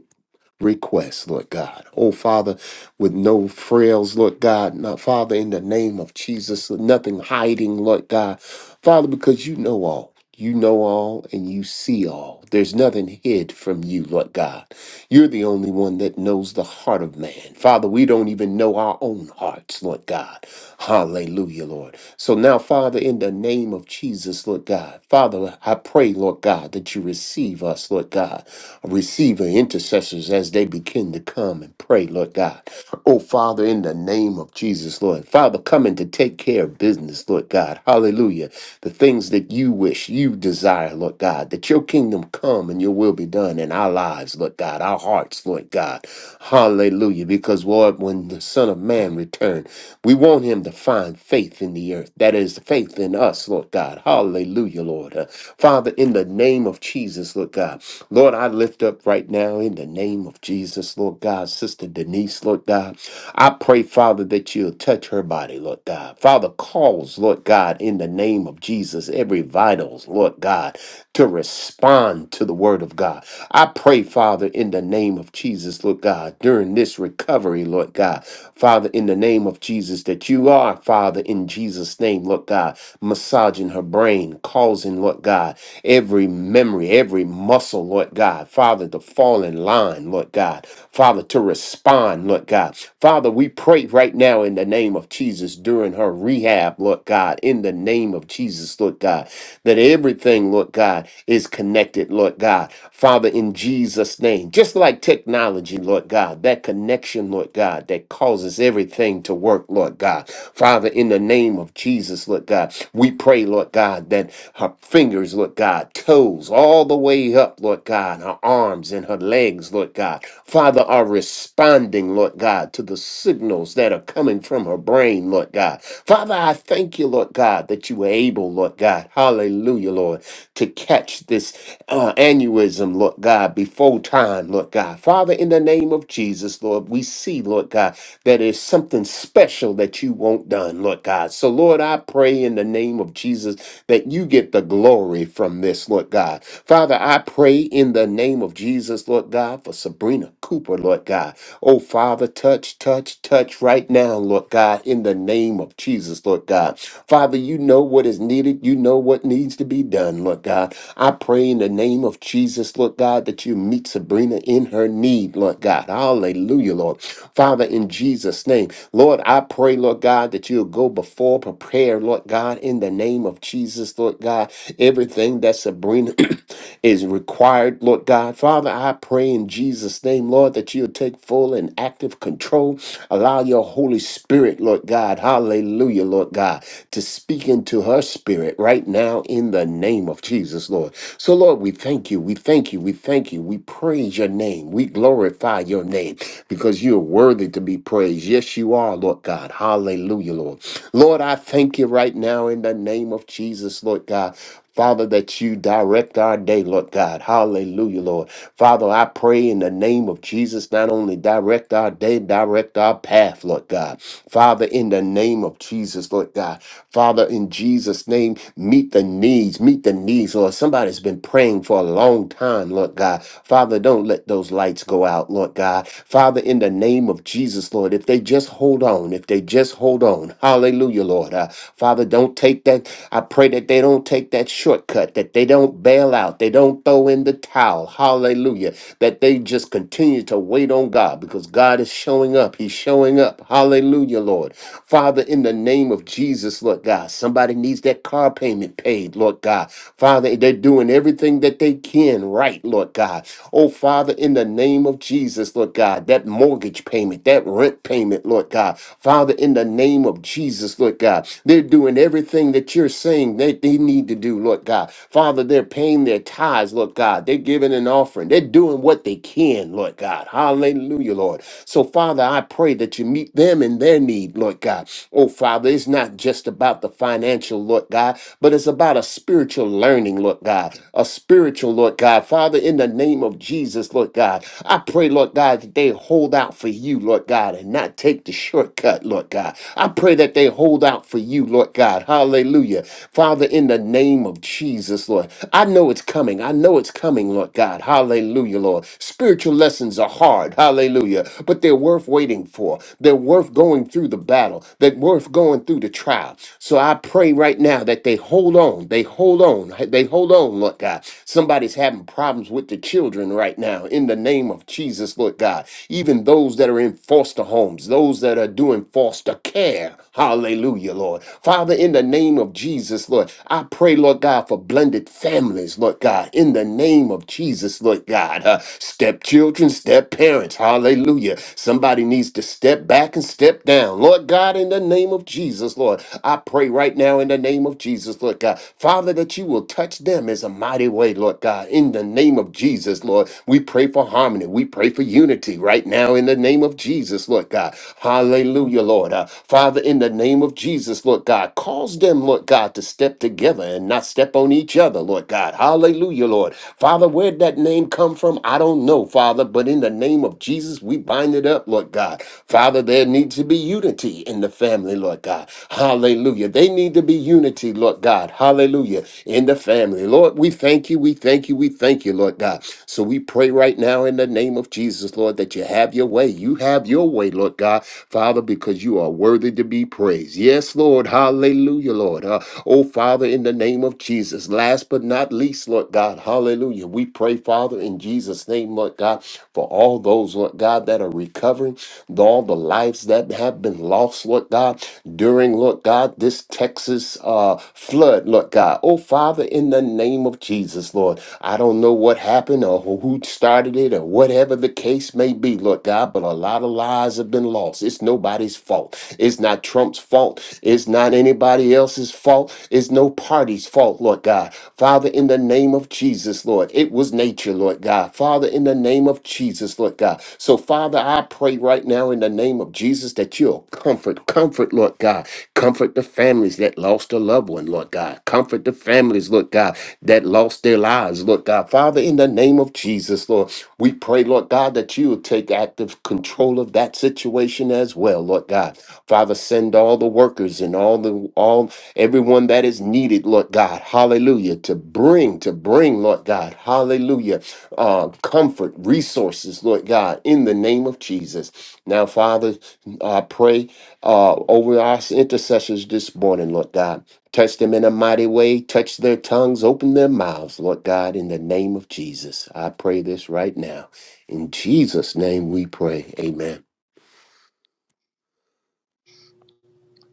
D: requests, Lord God. Oh, Father, with no frails, Lord God. Not, Father, in the name of Jesus, nothing hiding, Lord God. Father, because you know all. You know all and you see all. There's nothing hid from you, Lord God. You're the only one that knows the heart of man. Father, we don't even know our own hearts, Lord God. Hallelujah, Lord. So now, Father, in the name of Jesus, Lord God, Father, I pray, Lord God, that you receive us, Lord God. Receive our intercessors as they begin to come and pray, Lord God. Oh, Father, in the name of Jesus, Lord. Father, coming to take care of business, Lord God. Hallelujah. The things that you wish, you desire, Lord God, that your kingdom come and your will be done in our lives, Lord God our our hearts, Lord God. Hallelujah. Because, Lord, when the Son of Man returned, we want him to find faith in the earth. That is faith in us, Lord God. Hallelujah, Lord. Uh, Father, in the name of Jesus, Lord God. Lord, I lift up right now in the name of Jesus, Lord God. Sister Denise, Lord God. I pray, Father, that you'll touch her body, Lord God. Father, calls, Lord God, in the name of Jesus, every vitals, Lord God, to respond to the word of God. I pray, Father, in the name of Jesus, Lord God, during this recovery, Lord God. Father, in the name of Jesus, that you are, Father, in Jesus' name, Lord God, massaging her brain, causing, Lord God, every memory, every muscle, Lord God, Father, to fall in line, Lord God, Father, to respond, Lord God. Father, we pray right now in the name of Jesus during her rehab, Lord God, in the name of Jesus, Lord God, that everything, Lord God, is connected, Lord God, Father, in Jesus' name. Just like like technology, Lord God, that connection, Lord God, that causes everything to work, Lord God. Father, in the name of Jesus, Lord God, we pray, Lord God, that her fingers, Lord God, toes all the way up, Lord God, her arms and her legs, Lord God, Father, are responding, Lord God, to the signals that are coming from her brain, Lord God. Father, I thank you, Lord God, that you were able, Lord God, hallelujah, Lord, to catch this uh, aneurysm, Lord God, before time, Lord God. Lord God. Father, in the name of Jesus, Lord, we see, Lord God, that is something special that you want done, Lord God. So, Lord, I pray in the name of Jesus that you get the glory from this, Lord God. Father, I pray in the name of Jesus, Lord God, for Sabrina Cooper, Lord God. Oh, Father, touch, touch, touch right now, Lord God, in the name of Jesus, Lord God. Father, you know what is needed. You know what needs to be done, Lord God. I pray in the name of Jesus, Lord God, that you meet Sabrina in in her need, Lord God. Hallelujah, Lord. Father, in Jesus' name, Lord, I pray, Lord God, that you'll go before, prepare, Lord God, in the name of Jesus, Lord God, everything that Sabrina is required, Lord God. Father, I pray in Jesus' name, Lord, that you'll take full and active control. Allow your Holy Spirit, Lord God, hallelujah, Lord God, to speak into her spirit right now in the name of Jesus, Lord. So, Lord, we thank you, we thank you, we thank you, we praise your name name. We glorify your name because you're worthy to be praised. Yes, you are, Lord God. Hallelujah, Lord. Lord, I thank you right now in the name of Jesus, Lord God. Father, that you direct our day, Lord God. Hallelujah, Lord. Father, I pray in the name of Jesus, not only direct our day, direct our path, Lord God. Father, in the name of Jesus, Lord God. Father, in Jesus' name, meet the needs, meet the needs, Lord. Somebody's been praying for a long time, Lord God. Father, don't let those those lights go out, Lord God. Father, in the name of Jesus, Lord, if they just hold on, if they just hold on, hallelujah, Lord. Uh, Father, don't take that. I pray that they don't take that shortcut, that they don't bail out, they don't throw in the towel, hallelujah, that they just continue to wait on God because God is showing up. He's showing up, hallelujah, Lord. Father, in the name of Jesus, Lord God, somebody needs that car payment paid, Lord God. Father, they're doing everything that they can right, Lord God. Oh, Father, in the the name of Jesus, Lord God, that mortgage payment, that rent payment, Lord God. Father, in the name of Jesus, Lord God, they're doing everything that you're saying that they need to do, Lord God. Father, they're paying their tithes, Lord God. They're giving an offering. They're doing what they can, Lord God. Hallelujah, Lord. So, Father, I pray that you meet them in their need, Lord God. Oh, Father, it's not just about the financial, Lord God, but it's about a spiritual learning, Lord God, a spiritual, Lord God. Father, in the name of Jesus, Lord God. God. I pray, Lord God, that they hold out for you, Lord God, and not take the shortcut, Lord God. I pray that they hold out for you, Lord God. Hallelujah. Father, in the name of Jesus, Lord, I know it's coming. I know it's coming, Lord God. Hallelujah, Lord. Spiritual lessons are hard. Hallelujah. But they're worth waiting for. They're worth going through the battle. They're worth going through the trial. So I pray right now that they hold on. They hold on. They hold on, Lord God. Somebody's having problems with the children right now in the name name of Jesus, Lord God. Even those that are in foster homes, those that are doing foster care. Hallelujah, Lord. Father, in the name of Jesus, Lord, I pray, Lord God, for blended families, Lord God, in the name of Jesus, Lord God. Uh, stepchildren, step parents. Hallelujah. Somebody needs to step back and step down. Lord God, in the name of Jesus, Lord, I pray right now in the name of Jesus, Lord God. Father, that you will touch them as a mighty way, Lord God. In the name of Jesus, Lord, we pray for harmony. We pray for unity right now in the name of Jesus, Lord God. Hallelujah, Lord. Uh, Father, in the name of Jesus, Lord God, cause them, Lord God, to step together and not step on each other, Lord God. Hallelujah, Lord. Father, where'd that name come from? I don't know, Father, but in the name of Jesus, we bind it up, Lord God. Father, there needs to be unity in the family, Lord God. Hallelujah. They need to be unity, Lord God. Hallelujah. In the family. Lord, we thank you. We thank you. We thank you, Lord God. So we pray right now in the name of Jesus, Lord, that you have your way. You have your way, Lord God, Father, because you are worthy to be praised. Yes, Lord. Hallelujah, Lord. Uh, oh, Father, in the name of Jesus. Last but not least, Lord God, hallelujah. We pray, Father, in Jesus' name, Lord God, for all those, Lord God, that are recovering, all the lives that have been lost, Lord God, during, Lord God, this Texas uh, flood, Lord God. Oh, Father, in the name of Jesus, Lord, I don't know what happened or who started it or or whatever the case may be, Lord God, but a lot of lives have been lost. It's nobody's fault. It's not Trump's fault. It's not anybody else's fault. It's no party's fault, Lord God. Father, in the name of Jesus, Lord, it was nature, Lord God. Father, in the name of Jesus, Lord God. So, Father, I pray right now in the name of Jesus that you'll comfort, comfort, Lord God. Comfort the families that lost a loved one, Lord God. Comfort the families, Lord God, that lost their lives, Lord God. Father, in the name of Jesus, Lord, we we pray, Lord God, that you will take active control of that situation as well, Lord God. Father, send all the workers and all the all everyone that is needed, Lord God, hallelujah, to bring, to bring, Lord God, hallelujah, uh, comfort, resources, Lord God, in the name of Jesus. Now, Father, I pray uh, over our intercessors this morning, Lord God. Touch them in a mighty way. Touch their tongues. Open their mouths, Lord God, in the name of Jesus. I pray this right now. In Jesus' name we pray. Amen.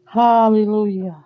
E: Hallelujah.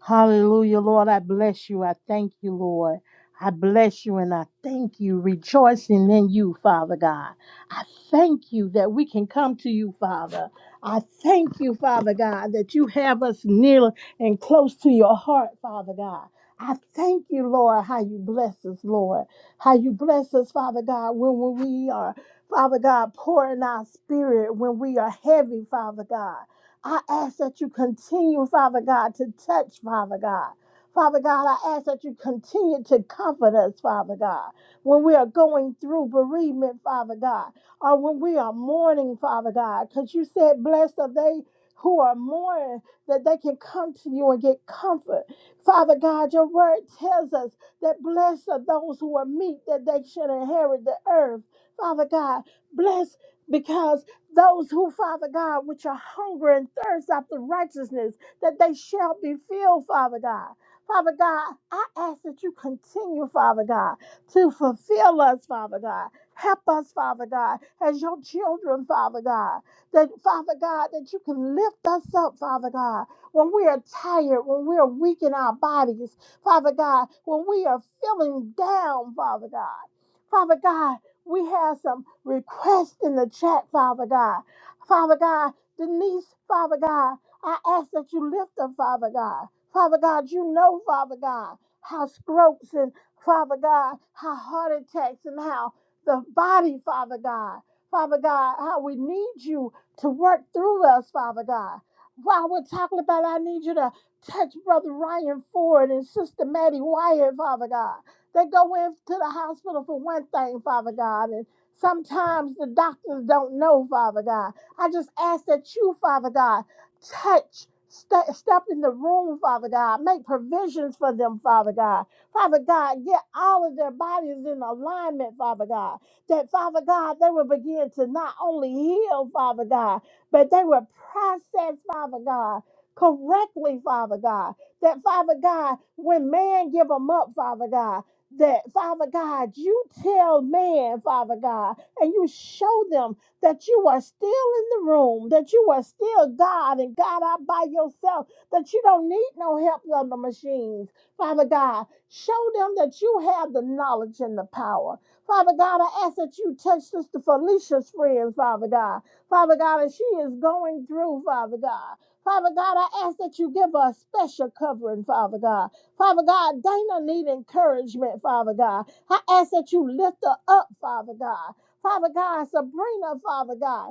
E: Hallelujah, Lord. I bless you. I thank you, Lord. I bless you and I thank you, rejoicing in you, Father God. I thank you that we can come to you, Father. I thank you, Father God, that you have us near and close to your heart, Father God. I thank you, Lord, how you bless us, Lord. How you bless us, Father God, when, when we are, Father God, pouring our spirit, when we are heavy, Father God. I ask that you continue, Father God, to touch, Father God. Father God, I ask that you continue to comfort us, Father God, when we are going through bereavement, Father God, or when we are mourning, Father God, because you said, Blessed are they who are mourning, that they can come to you and get comfort. Father God, your word tells us that blessed are those who are meek, that they should inherit the earth. Father God, bless because those who, Father God, which are hungry and thirst after righteousness, that they shall be filled, Father God. Father God, I ask that you continue, Father God, to fulfill us, Father God. Help us, Father God, as your children, Father God. That, Father God, that you can lift us up, Father God, when we are tired, when we are weak in our bodies, Father God, when we are feeling down, Father God. Father God, we have some requests in the chat, Father God. Father God, Denise, Father God, I ask that you lift her, Father God. Father God, you know, Father God, how strokes and Father God, how heart attacks and how the body, Father God, Father God, how we need you to work through us, Father God. While we're talking about, I need you to touch Brother Ryan Ford and Sister Maddie Wyatt, Father God. They go into the hospital for one thing, Father God, and sometimes the doctors don't know, Father God. I just ask that you, Father God, touch, ste- step in the room, Father God, make provisions for them, Father God. Father God, get all of their bodies in alignment, Father God. That, Father God, they will begin to not only heal, Father God, but they will process, Father God, correctly, Father God that Father God, when man give them up, Father God that, Father God, you tell man, Father God, and you show them that you are still in the room, that you are still God and God out by yourself, that you don't need no help on the machines. Father God, show them that you have the knowledge and the power. Father God, I ask that you touch Sister Felicia's friends, Father God. Father God, as she is going through, Father God. Father God, I ask that you give her a special covering, Father God. Father God, Dana need encouragement, Father God. I ask that you lift her up, Father God. Father God, Sabrina, Father God.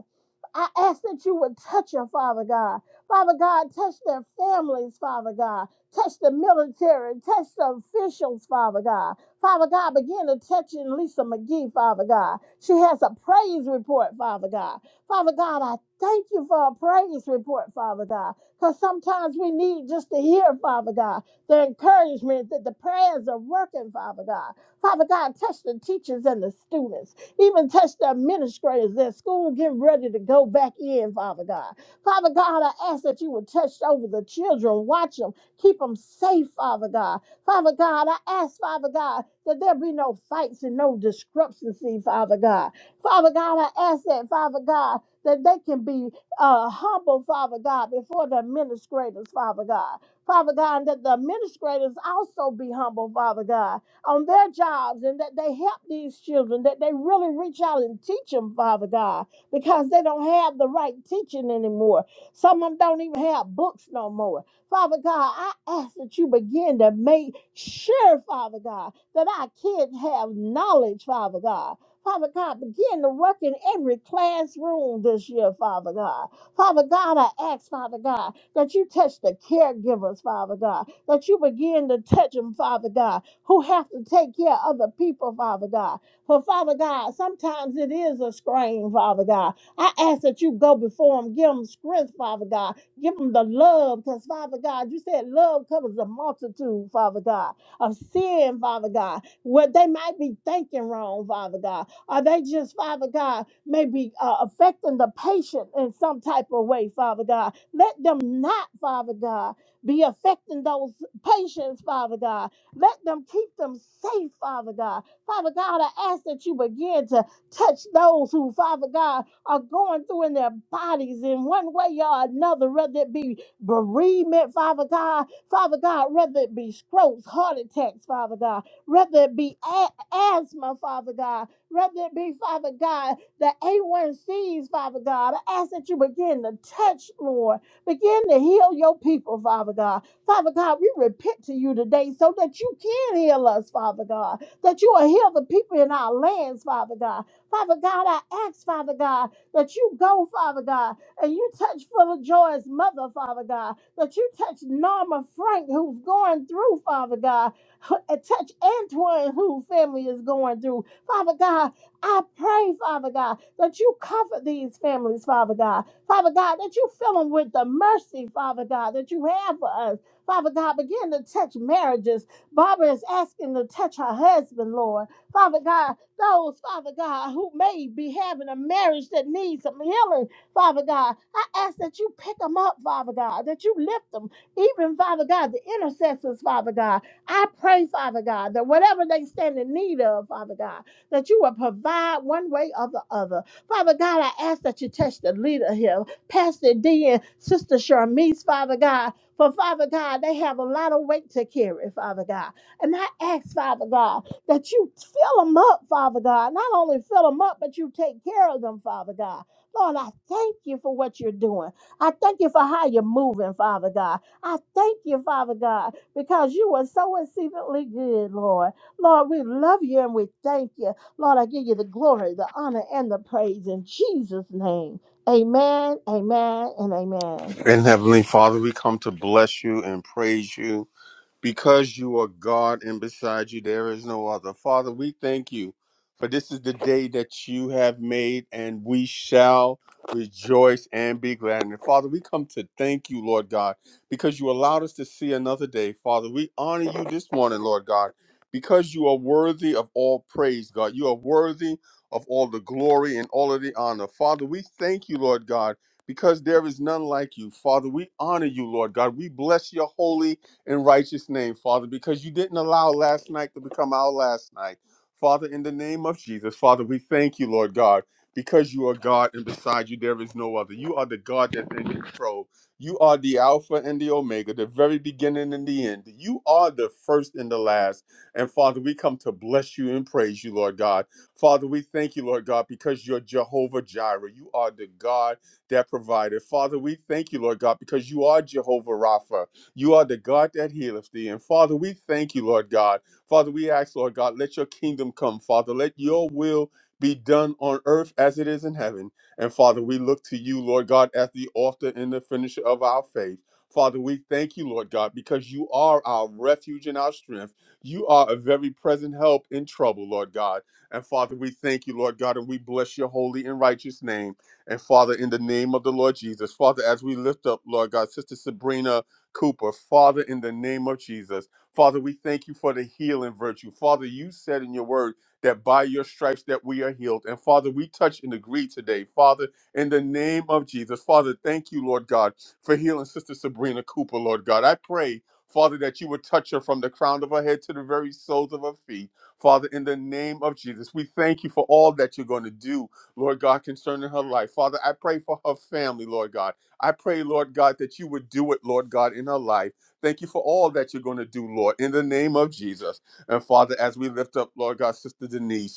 E: I ask that you would touch her, Father God. Father God, touch their families, Father God. Touch the military, touch the officials, Father God. Father God, begin to touch in Lisa McGee, Father God. She has a praise report, Father God. Father God, I thank you for a praise report, Father God. Because sometimes we need just to hear, Father God, the encouragement that the prayers are working, Father God. Father God, touch the teachers and the students. Even touch the administrators at school getting ready to go back in, Father God. Father God, I ask that you would touch over the children, watch them, keep them safe, Father God. Father God, I ask, Father God, that there be no fights and no discrepancy, Father God. Father God, I ask that, Father God, that they can be uh, humble, Father God, before the administrators, Father God. Father God, that the administrators also be humble, Father God on their jobs and that they help these children, that they really reach out and teach them, Father God, because they don't have the right teaching anymore. Some of them don't even have books no more. Father God, I ask that you begin to make sure, Father God, that our kids have knowledge, Father God. Father God, begin to work in every classroom this year, Father God. Father God, I ask, Father God, that you touch the caregivers, Father God, that you begin to touch them, Father God, who have to take care of other people, Father God. For Father God, sometimes it is a strain, Father God. I ask that you go before them, give them strength, Father God. Give them the love, because Father God, you said love covers a multitude, Father God, of sin, Father God. What they might be thinking wrong, Father God. Are they just, Father God, maybe uh, affecting the patient in some type of way, Father God? Let them not, Father God, be affecting those patients, Father God let them keep them safe, Father God. Father God, I ask that you begin to touch those who, Father God, are going through in their bodies in one way or another, whether it be bereavement, Father God, Father God, whether it be strokes, heart attacks, Father God, whether it be a- asthma, Father God, whether it be, Father God, the A1Cs, Father God. I ask that you begin to touch, Lord. Begin to heal your people, Father God. Father God, we repent to you today so that you can heal us, Father God, that you will heal the people in our lands, Father God. Father God, I ask, Father God, that you go, Father God, and you touch Full of Joy's mother, Father God, that you touch Norma Frank, who's going through, Father God, and touch Antoine, whose family is going through. Father God, I pray, Father God, that you comfort these families, Father God. Father God, that you fill them with the mercy, Father God, that you have for us. Father God, begin to touch marriages. Barbara is asking to touch her husband, Lord. Father God, those, Father God, who may be having a marriage that needs some healing, Father God, I ask that you pick them up, Father God, that you lift them. Even, Father God, the intercessors, Father God, I pray, Father God, that whatever they stand in need of, Father God, that you will provide one way or the other. Father God, I ask that you touch the leader here, Pastor D and Sister Charmise, Father God. For Father God, they have a lot of weight to carry, Father God. And I ask, Father God, that you fill them up, Father God. Not only fill them up, but you take care of them, Father God. Lord, I thank you for what you're doing. I thank you for how you're moving, Father God. I thank you, Father God, because you are so exceedingly good, Lord. Lord, we love you and we thank you. Lord, I give you the glory, the honor, and the praise in Jesus' name. Amen, amen, and amen.
A: And Heavenly Father, we come to bless you and praise you. because you are God and beside you there is no other. Father, we thank you for this is the day that you have made and we shall rejoice and be glad. And Father, we come to thank you, Lord God, because you allowed us to see another day. Father, we honor you this morning, Lord God, because you are worthy of all praise, God. You are worthy of all the glory and all of the honor. Father, we thank you, Lord God, because there is none like you. Father, we honor you, Lord God. We bless your holy in righteous name, Father, because you didn't allow last night to become our last night. Father, in the name of Jesus, Father, we thank you, Lord God, because you are God and beside you there is no other. You are the God that's in control. You are the Alpha and the Omega, the very beginning and the end. You are the first and the last. And Father, we come to bless you and praise you, Lord God. Father, we thank you, Lord God, because you're Jehovah Jireh. You are the God that provided. Father, we thank you, Lord God, because you are Jehovah Rapha. You are the God that healeth thee. And Father, we thank you, Lord God. Father, we ask, Lord God, let your kingdom come. Father, let your will be done on earth as it is in heaven. And Father, we look to you, Lord God, as the author and the finisher of our faith. Father, we thank you, Lord God, because you are our refuge and our strength. You are a very present help in trouble, Lord God. And Father, we thank you, Lord God, and we bless your holy and righteous name. And Father, in the name of the Lord Jesus, Father, as we lift up, Lord God, Sister Sabrina Cooper. Father, in the name of Jesus, Father, we thank you for the healing virtue. Father, you said in your word that by your stripes that we are healed. And Father, we touch and agree today. Father, in the name of Jesus, Father, thank you, Lord God, for healing Sister Sabrina Cooper, Lord God. I pray. Father, that you would touch her from the crown of her head to the very soles of her feet. Father, in the name of Jesus, we thank you for all that you're going to do Lord God, concerning her life. Father, I pray for her family, Lord God. I pray, Lord God, that you would do it, Lord God, in her life. Thank you for all that you're going to do, Lord, in the name of Jesus. And Father, as we lift up, Lord God, Sister Denise.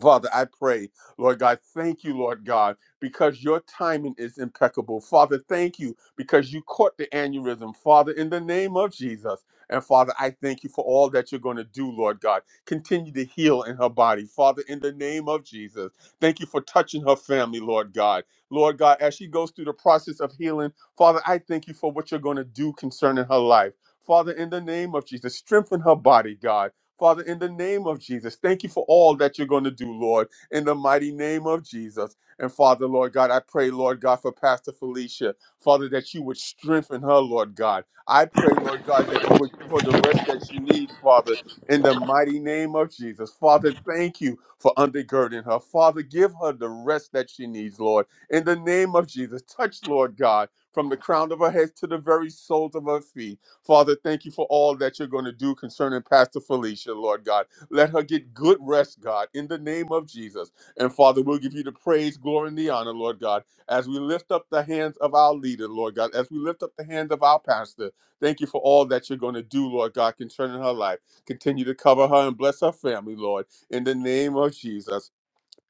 A: Father, I pray, Lord God, thank you, Lord God, because your timing is impeccable. Father, thank you because you caught the aneurysm, Father, in the name of Jesus. And Father, I thank you for all that you're going to do, Lord God. Continue to heal in her body, Father, in the name of Jesus. Thank you for touching her family, Lord God. Lord God, as she goes through the process of healing, Father, I thank you for what you're going to do concerning her life. Father, in the name of Jesus, strengthen her body, God. Father, in the name of Jesus, thank you for all that you're going to do, Lord, in the mighty name of Jesus. And Father, Lord God, I pray, Lord God, for Pastor Felicia, Father, that you would strengthen her, Lord God. I pray, Lord God, that you would give her the rest that she needs, Father, in the mighty name of Jesus. Father, thank you for undergirding her. Father, give her the rest that she needs, Lord, in the name of Jesus. Touch, Lord God, from the crown of her head to the very soles of her feet. Father, thank you for all that you're going to do concerning Pastor Felicia, Lord God. Let her get good rest, God, in the name of Jesus. And Father, we'll give you the praise, glory, and the honor, Lord God, as we lift up the hands of our leader, Lord God, as we lift up the hands of our pastor. Thank you for all that you're going to do, Lord God, concerning her life. Continue to cover her and bless her family, Lord, in the name of Jesus.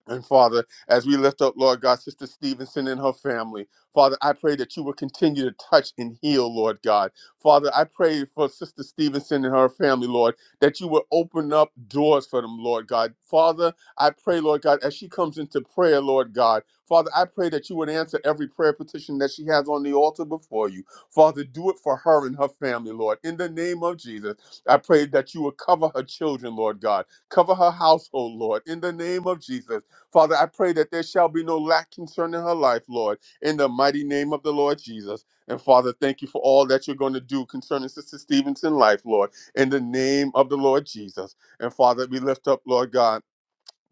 A: And Father, as we lift up, Lord God, Sister Stevenson and her family, Father, I pray that you will continue to touch and heal, Lord God. Father, I pray for Sister Stevenson and her family, Lord, that you will open up doors for them, Lord God. Father, I pray, Lord God, as she comes into prayer, Lord God, Father, I pray that you would answer every prayer petition that she has on the altar before you. Father, do it for her and her family, Lord. In the name of Jesus, I pray that you will cover her children, Lord God. Cover her household, Lord. In the name of Jesus. Father, I pray that there shall be no lack concerning her life, Lord, in the mighty name of the Lord Jesus. And Father, thank you for all that you're going to do concerning Sister Stevenson's life, Lord, in the name of the Lord Jesus. And Father, we lift up, Lord God.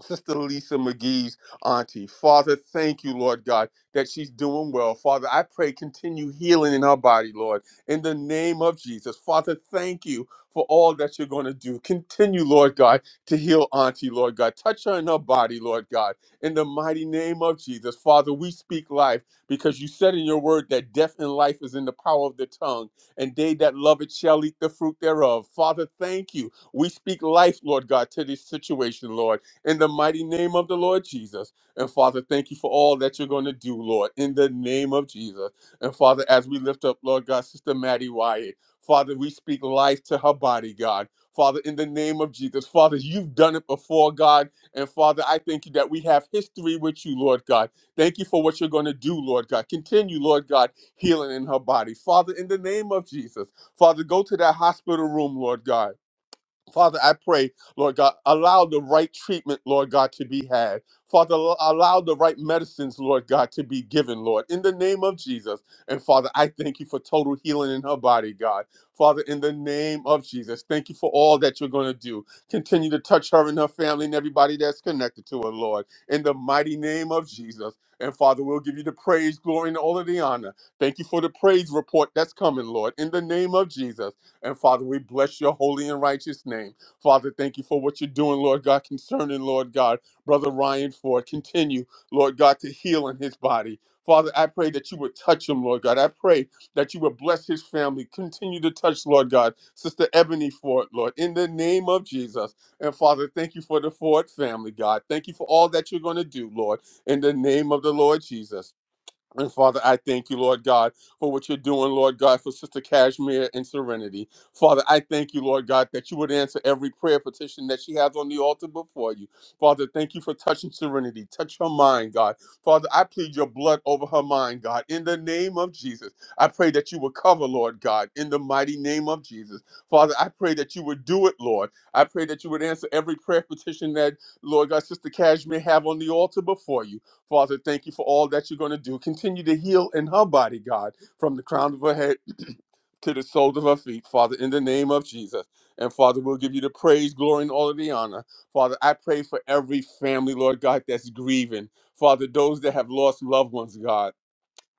A: Sister Lisa McGee's auntie. Father, thank you, Lord God, that she's doing well. Father, I pray continue healing in her body, Lord, in the name of Jesus. Father, thank you for all that you're going to do. Continue, Lord God, to heal auntie, Lord God. Touch her in her body, Lord God, in the mighty name of Jesus. Father, we speak life because you said in your word that death and life is in the power of the tongue, and they that love it shall eat the fruit thereof. Father, thank you. We speak life, Lord God, to this situation, Lord in the mighty name of the Lord Jesus. And Father, thank you for all that you're going to do, Lord, in the name of Jesus. And Father, as we lift up, Lord God, Sister Maddie Wyatt, Father, we speak life to her body, God. Father, in the name of Jesus, Father, you've done it before, God. And Father, I thank you that we have history with you, Lord God. Thank you for what you're going to do, Lord God. Continue, Lord God, healing in her body. Father, in the name of Jesus, Father, go to that hospital room, Lord God. Father, I pray, Lord God, allow the right treatment, Lord God, to be had. Father, al- allow the right medicines, Lord God, to be given, Lord, in the name of Jesus. And Father, I thank you for total healing in her body, God. Father, in the name of Jesus, thank you for all that you're going to do. Continue to touch her and her family and everybody that's connected to her, Lord, in the mighty name of Jesus. And Father, we'll give you the praise, glory, and all of the honor. Thank you for the praise report that's coming, Lord, in the name of Jesus. And Father, we bless your holy and righteous name. Father, thank you for what you're doing, Lord God, concerning, Lord God, Brother Ryan Ford. Continue, Lord God, to heal in his body. Father, I pray that you would touch him, Lord God. I pray that you would bless his family. Continue to touch, Lord God, Sister Ebony Ford, Lord, in the name of Jesus. And Father, thank you for the Ford family, God. Thank you for all that you're going to do, Lord, in the name of the Lord Jesus. And Father, I thank you, Lord God, for what you're doing, Lord God, for Sister Cashmere and Serenity. Father, I thank you, Lord God, that you would answer every prayer petition that she has on the altar before you. Father, thank you for touching Serenity. Touch her mind, God. Father, I plead your blood over her mind, God. In the name of Jesus, I pray that you would cover, Lord God, in the mighty name of Jesus. Father, I pray that you would do it, Lord. I pray that you would answer every prayer petition that, Lord God, Sister Cashmere have on the altar before you. Father, thank you for all that you're going to do. Continue to heal in her body, God, from the crown of her head to the soles of her feet, Father, in the name of Jesus. And Father, we'll give you the praise, glory, and all of the honor. Father, I pray for every family, Lord God, that's grieving. Father, those that have lost loved ones, God.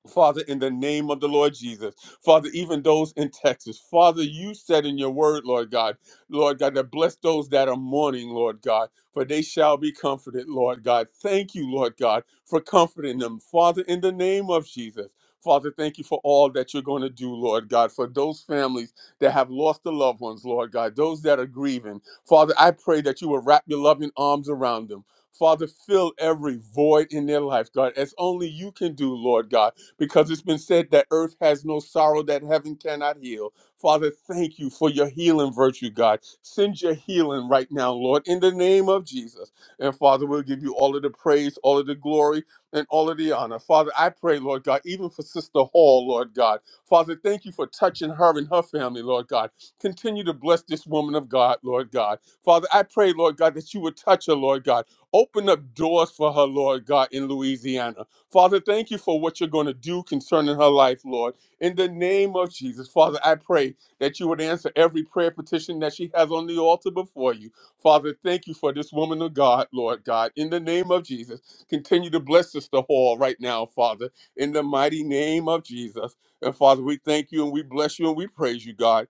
A: Father, in the name of the Lord Jesus, Father, even those in Texas, Father, you said in your word, Lord God, Lord God, that bless those that are mourning, Lord God, for they shall be comforted, Lord God. Thank you, Lord God, for comforting them, Father, in the name of Jesus. Father, thank you for all that you're going to do, Lord God, for those families that have lost their loved ones, Lord God, those that are grieving. Father, I pray that you will wrap your loving arms around them. Father, fill every void in their life, God, as only you can do, Lord God because it's been said that earth has no sorrow that heaven cannot heal. Father, thank you for your healing virtue, God. Send your healing right now, Lord, in the name of Jesus. And Father, we'll give you all of the praise, all of the glory, and all of the honor. Father, I pray, Lord God, even for Sister Hall, Lord God. Father, thank you for touching her and her family, Lord God. Continue to bless this woman of God, Lord God. Father, I pray, Lord God, that you would touch her, Lord God. Open up doors for her, Lord God, in Louisiana. Father, thank you for what you're going to do concerning her life, Lord. In the name of Jesus, Father, I pray that you would answer every prayer petition that she has on the altar before you. Father, thank you for this woman of God, Lord God. In the name of Jesus, continue to bless Sister Hall right now, Father, in the mighty name of Jesus. And Father, we thank you and we bless you and we praise you, God.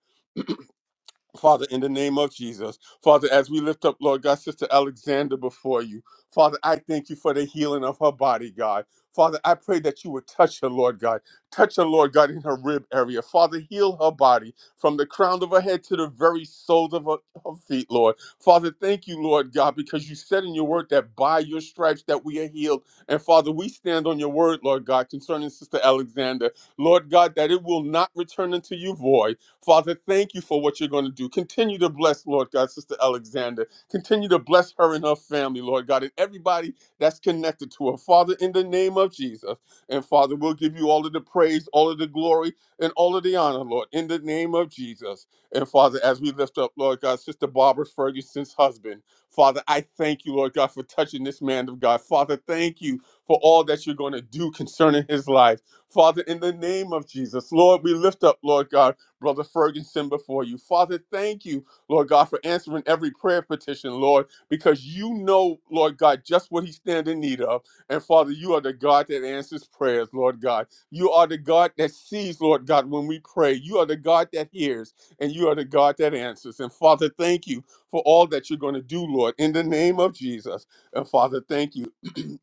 A: Father, in the name of Jesus, Father, as we lift up, Lord God, Sister Alexander before you, Father, I thank you for the healing of her body, God. Father, I pray that you would touch her, Lord God. Touch her, Lord God, in her rib area. Father, heal her body from the crown of her head to the very soles of her, her feet, Lord. Father, thank you, Lord God, because you said in your word that by your stripes that we are healed. And Father, we stand on your word, Lord God, concerning Sister Alexander. Lord God, that it will not return unto you void. Father, thank you for what you're going to do. Continue to bless, Lord God, Sister Alexander. Continue to bless her and her family, Lord God, and everybody that's connected to her. Father, in the name of Jesus. And Father, we'll give you all of the praise, all of the glory, and all of the honor, Lord, in the name of Jesus. And Father, as we lift up, Lord God, Sister Barbara Ferguson's husband, Father, I thank you, Lord God, for touching this man of God. Father, thank you for all that you're going to do concerning his life. Father, in the name of Jesus, Lord, we lift up, Lord God. Brother Ferguson before you. Father, thank you, Lord God, for answering every prayer petition, Lord, because you know, Lord God, just what he stands in need of. And Father, you are the God that answers prayers, Lord God. You are the God that sees, Lord God, when we pray. You are the God that hears, and you are the God that answers. And Father, thank you for all that you're going to do, Lord, in the name of Jesus. And Father, thank you.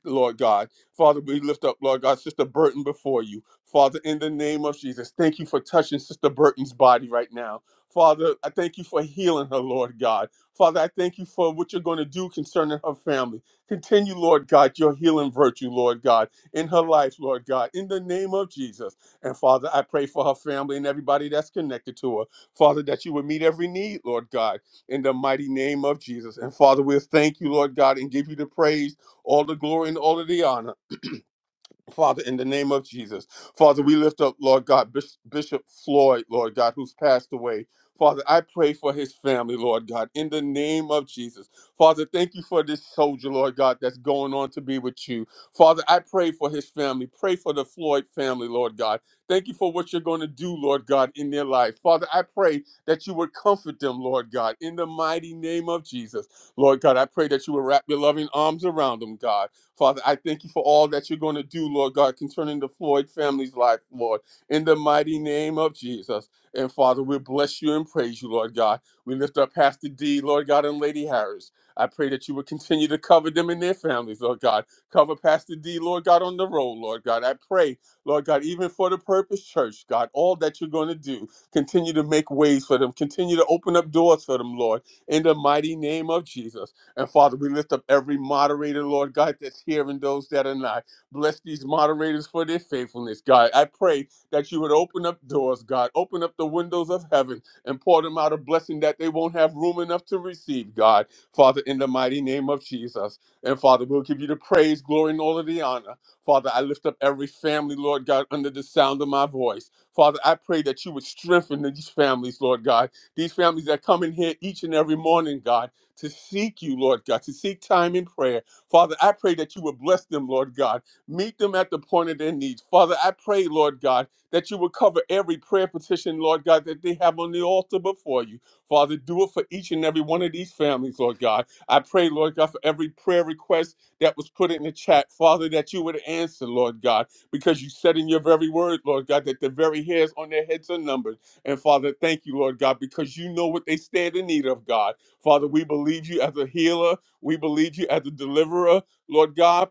A: Lord God. Father, we lift up, Lord God, Sister Burton before you. Father, in the name of Jesus, thank you for touching Sister Burton's body right now. Father, I thank you for healing her, Lord God. Father, I thank you for what you're going to do concerning her family. Continue, Lord God, your healing virtue, Lord God, in her life, Lord God, in the name of Jesus. And Father, I pray for her family and everybody that's connected to her. Father, that you would meet every need, Lord God, in the mighty name of Jesus. And Father, we'll thank you, Lord God, and give you the praise all the glory and all of the honor. Father, in the name of Jesus. Father, we lift up, Lord God, Bis- Bishop Floyd, Lord God, who's passed away. Father, I pray for his family, Lord God, in the name of Jesus. Father, thank you for this soldier, Lord God, that's going on to be with you. Father, I pray for his family. Pray for the Floyd family, Lord God. Thank you for what you're going to do, Lord God, in their life. Father, I pray that you would comfort them, Lord God, in the mighty name of Jesus. Lord God, I pray that you would wrap your loving arms around them, God. Father, I thank you for all that you're going to do, Lord God, concerning the Floyd family's life, Lord, in the mighty name of Jesus. And Father, we bless you and praise you, Lord God. We lift up Pastor D, Lord God, and Lady Harris. I pray that you would continue to cover them and their families, Lord God. Cover Pastor D, Lord God, on the road, Lord God. I pray, Lord God, even for the Purpose Church, God, all that you're going to do, continue to make ways for them, continue to open up doors for them, Lord, in the mighty name of Jesus. And Father, we lift up every moderator, Lord God, that's here and those that are not. Bless these moderators for their faithfulness, God. I pray that you would open up doors, God. Open up the windows of heaven and pour them out a blessing that they won't have room enough to receive, God. Father, in the mighty name of Jesus. And Father, we'll give you the praise, glory, and all of the honor. Father, I lift up every family, Lord God, under the sound of my voice. Father, I pray that you would strengthen these families, Lord God. These families that come in here each and every morning, God to seek you, Lord God, to seek time in prayer. Father, I pray that you would bless them, Lord God. Meet them at the point of their needs. Father, I pray, Lord God, that you would cover every prayer petition, Lord God, that they have on the altar before you. Father, do it for each and every one of these families, Lord God. I pray, Lord God, for every prayer request that was put in the chat, Father, that you would answer, Lord God, because you said in your very word, Lord God, that the very hairs on their heads are numbered. And Father, thank you, Lord God, because you know what they stand in need of, God. Father, we believe you as a healer. We believe you as a deliverer, Lord God.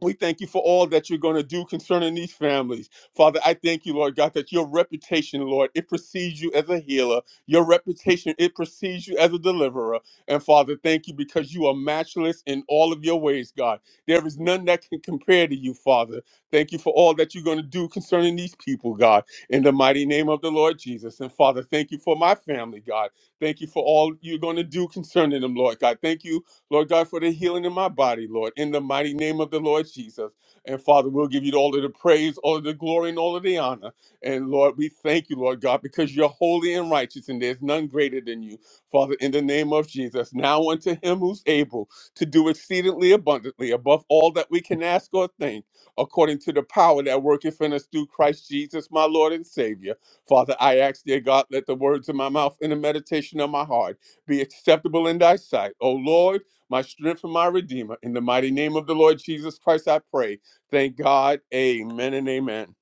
A: We thank you for all that you're going to do concerning these families. Father, I thank you, Lord God, that your reputation, Lord, it precedes you as a healer. Your reputation, it precedes you as a deliverer. And Father, thank you because you are matchless in all of your ways, God. There is none that can compare to you, Father. Thank you for all that you're going to do concerning these people, God, in the mighty name of the Lord Jesus. And Father, thank you for my family, God. Thank you for all you're going to do concerning them, Lord God. Thank you Lord God, for the healing in my body, Lord, in the mighty name of the Lord Jesus. And Father, we'll give you all of the praise, all of the glory, and all of the honor. And Lord, we thank you, Lord God, because you're holy and righteous, and there's none greater than you. Father, in the name of Jesus, now unto him who's able to do exceedingly abundantly above all that we can ask or think, according to the power that worketh in us through Christ Jesus, my Lord and Savior. Father, I ask, dear God, let the words of my mouth and the meditation of my heart be acceptable in thy sight. O Lord, my strength and my redeemer. In the mighty name of the Lord Jesus Christ, I pray. Thank God. Amen and amen.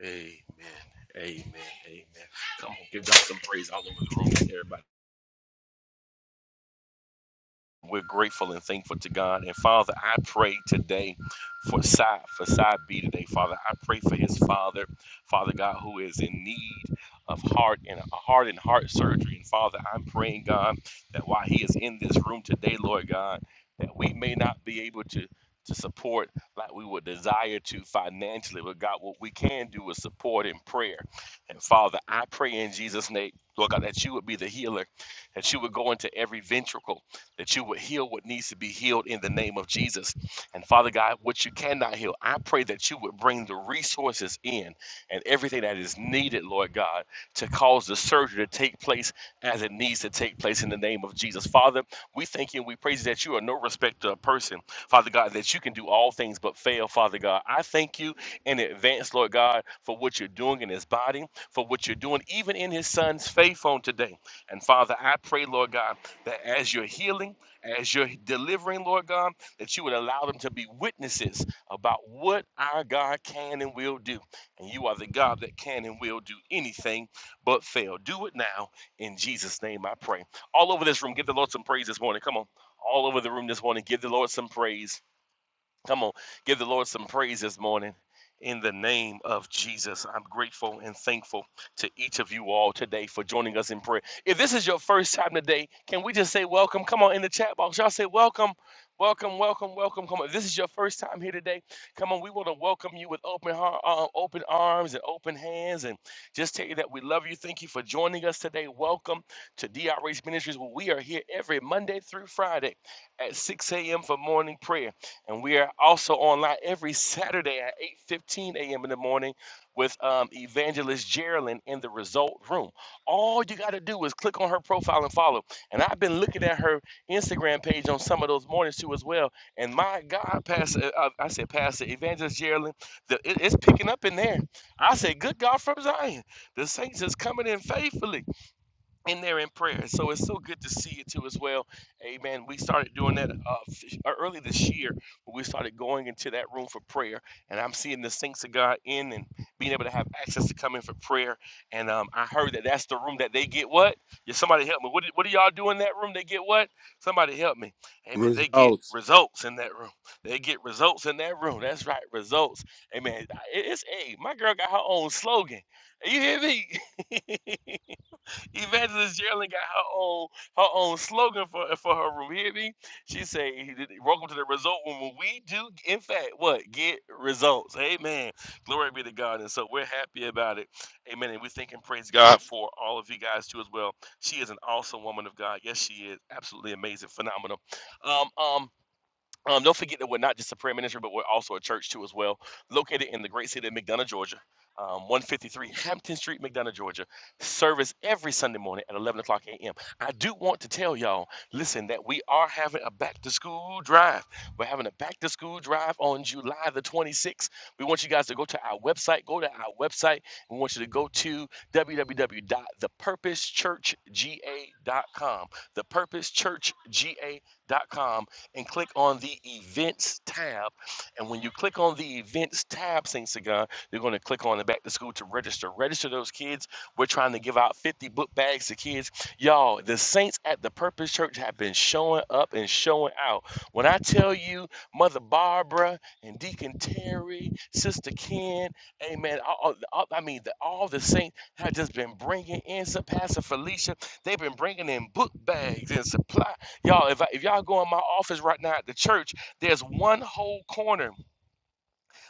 C: Amen. Amen. Amen. Come on, give God some praise all over the room, everybody. We're grateful and thankful to God. And Father, I pray today for side for side B today, Father. I pray for his father, Father God, who is in need of heart and a heart and heart surgery. And Father, I'm praying, God, that while he is in this room today, Lord God, that we may not be able to to support like we would desire to financially, but God, what we can do is support in prayer. And Father, I pray in Jesus' name, Lord God, that you would be the healer, that you would go into every ventricle that you would heal what needs to be healed in the name of Jesus. And Father God, what you cannot heal, I pray that you would bring the resources in and everything that is needed, Lord God, to cause the surgery to take place as it needs to take place in the name of Jesus. Father, we thank you and we praise you that you are no respecter of person, Father God, that you can do all things but fail, Father God. I thank you in advance, Lord God, for what you're doing in his body, for what you're doing even in his son's faith on today. And Father, I pray, Lord God, that as you're healing, as you're delivering, Lord God, that you would allow them to be witnesses about what our God can and will do. And you are the God that can and will do anything but fail. Do it now. In Jesus' name, I pray. All over this room, give the Lord some praise this morning. Come on. All over the room this morning, give the Lord some praise. Come on, give the Lord some praise this morning. In the name of Jesus, I'm grateful and thankful to each of you all today for joining us in prayer. If this is your first time today, can we just say welcome? Come on in the chat box. Y'all say welcome, welcome, welcome, welcome. Come on. If this is your first time here today, come on. We want to welcome you with open heart, uh, open arms and open hands and just tell you that we love you. Thank you for joining us today. Welcome to DRH Ministries where we are here every Monday through Friday at 6 a.m. for morning prayer. And we are also online every Saturday at 8:15 a.m. in the morning with um, Evangelist Geraldine in the Result Room. All you got to do is click on her profile and follow. And I've been looking at her Instagram page on some of those mornings too as well. And my God, Pastor, uh, uh, I said Pastor Evangelist Geraldine, the, it- it's picking up in there. I said, Good God from Zion, the saints is coming in faithfully in there in prayer. So it's so good to see you too as well. Amen. We started doing that uh, f- uh, early this year. We started going into that room for prayer, and I'm seeing the saints of God in and being able to have access to come in for prayer. And um, I heard that that's the room that they get what? Yeah, somebody help me. What, do- what do y'all do in that room? They get what? Somebody help me. Amen. They get
A: Results.
C: results in that room. They get results in that room. That's right, results. Amen. I- It's a hey, my girl got her own slogan. You hear me? Evangelist Geraldine got her own her own slogan for for her room. Hear me? She say, "Welcome to the result room." When we do, in fact, what get results. Amen. Glory be to God. And so we're happy about it. Amen. And we thank and praise God for all of you guys too as well. She is an awesome woman of God. Yes, she is absolutely amazing, phenomenal. Um, um, um, don't forget that we're not just a prayer ministry, but we're also a church too as well, located in the great city of McDonough, Georgia, um, 153 Hampton Street, McDonough, Georgia. Service every Sunday morning at 11 o'clock a.m. I do want to tell y'all, listen, that we are having a back to school drive. We're having a back to school drive on July the 26th. We want you guys to go to our website. Go to our website. We want you to go to w w w dot the purpose church g a dot com. the purpose church g a dot com and click on the events tab. And when you click on the events tab, Saint Sagan, you're going to click on the back to school to register. Register those kids. We're trying to give out 50 book bags to kids. Y'all, the saints at the Purpose Church have been showing up and showing out. When I tell you, Mother Barbara and Deacon Terry, Sister Ken, Amen. all- all- I mean, the, all the saints have just been bringing in. Pastor Felicia, they've been bringing in book bags and supplies. Y'all, if, I, if y'all go in my office right now at the church, there's one whole corner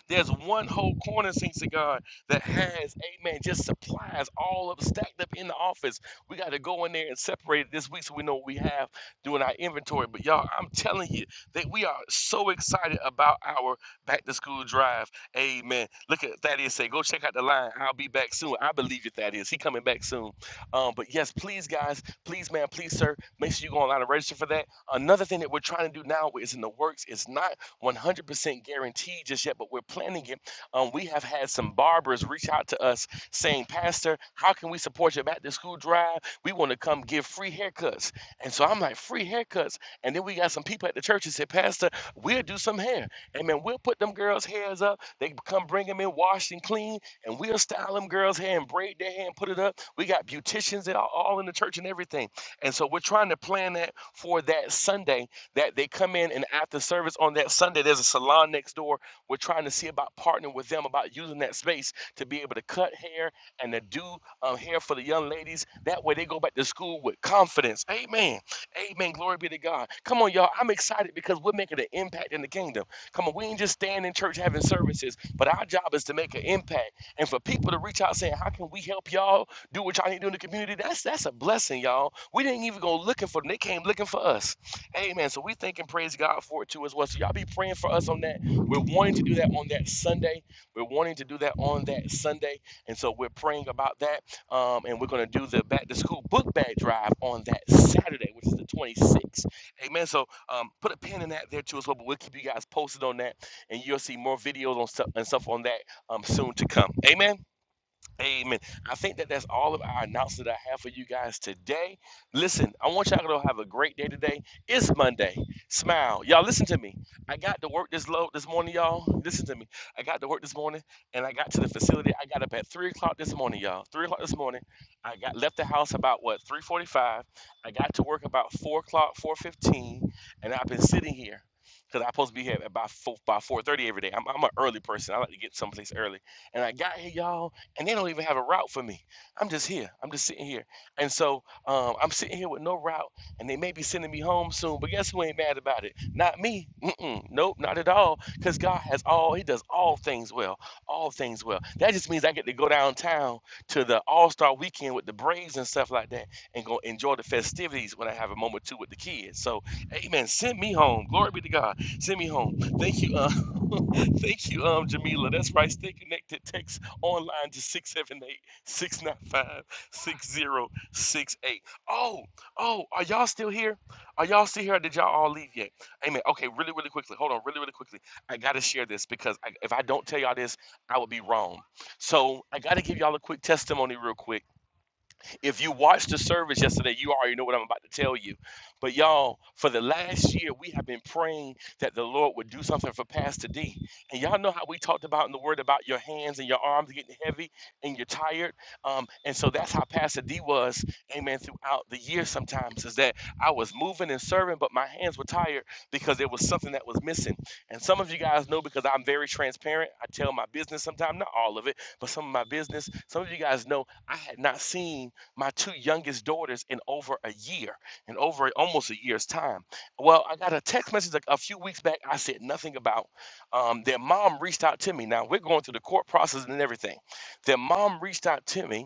C: there's one whole corner, saints of God, that has, amen, just supplies all up stacked up in the office. We got to go in there and separate it this week so we know what we have doing our inventory. But y'all, I'm telling you that we are so excited about our back to school drive. Amen. Look at Thaddeus say, go check out the line. I'll be back soon. I believe you, Thaddeus. He coming back soon. Um, but yes, please, guys, please, man, please, sir, make sure you go online and register for that. Another thing that we're trying to do now is in the works. It's not 100% guaranteed just yet, but we're planning it. Um, we have had some barbers reach out to us saying, Pastor, how can we support your back to school drive? We want to come give free haircuts. And so I'm like, free haircuts. And then we got some people at the church that said, Pastor, we'll do some hair. And man, we'll put them girls' hairs up. They come bring them in washed and clean, and we'll style them girls' hair and braid their hair and put it up. We got beauticians that are all in the church and everything. And so we're trying to plan that for that Sunday that they come in and after service on that Sunday, there's a salon next door. We're trying to see about partnering with them about using that space to be able to cut hair and to do um, hair for the young ladies. That way they go back to school with confidence. Amen. Amen. Glory be to God. Come on, y'all. I'm excited because we're making an impact in the kingdom. Come on, we ain't just staying in church having services, but our job is to make an impact. And for people to reach out saying, How can we help y'all do what y'all need to do in the community? That's that's a blessing, y'all. We didn't even go looking for them. They came looking for us. Amen. So we thank and praise God for it too as well. So y'all be praying for us on that. We're wanting to do that on that Sunday. We're wanting to do that on that Sunday. And so we're praying about that. Um, and we're going to do the back to school book bag drive on that Saturday, which is the 26th. Amen. So um, put a pin in that there too as well. But we'll keep you guys posted on that. And you'll see more videos on stuff and stuff on that um, soon to come. Amen. Amen. I think that that's all of our announcement I have for you guys today. Listen, I want y'all to have a great day today. It's Monday. Smile. Y'all listen to me. I got to work this low this morning, y'all. Listen to me. I got to work this morning and I got to the facility. I got up at three o'clock this morning, y'all. Three o'clock this morning. I got left the house about what three forty five. I got to work about four o'clock, four fifteen, and I've been sitting here. Cause I'm supposed to be here by four by four thirty every day. I'm I'm an early person. I like to get someplace early. And I got here, y'all and they don't even have a route for me. I'm just here. I'm just sitting here. And so um, I'm sitting here with no route, and they may be sending me home soon. But guess who ain't mad about it? Not me. Mm-mm. Nope, not at all. Because God has all, He does all things well. All things well. That just means I get to go downtown to the All Star weekend with the Braves and stuff like that and go enjoy the festivities when I have a moment too with the kids. So, amen. Send me home. Glory be to God. Send me home. Thank you. Uh, thank you, um, Jamila. That's right. Stay connected. Text online to 678 695 6068. Oh, oh, are y'all still here? Are y'all still here? Or did y'all all leave yet? Amen. Okay, really, really quickly. Hold on, really, really quickly. I got to share this because I, if I don't tell y'all this, I would be wrong. So I got to give y'all a quick testimony, real quick if you watched the service yesterday, you already know what I'm about to tell you. But y'all, for the last year, we have been praying that the Lord would do something for Pastor D. And y'all know how we talked about in the Word about your hands and your arms getting heavy and you're tired. Um, and so that's how Pastor D was, amen, throughout the year sometimes, is that I was moving and serving, but my hands were tired because there was something that was missing. And some of you guys know because I'm very transparent. I tell my business sometimes, not all of it, but some of my business. Some of you guys know I had not seen my two youngest daughters in over a year, in over almost a year's time. Well, I got a text message a, a few weeks back. I said nothing about. Um, their mom reached out to me. Now we're going through the court process and everything. Their mom reached out to me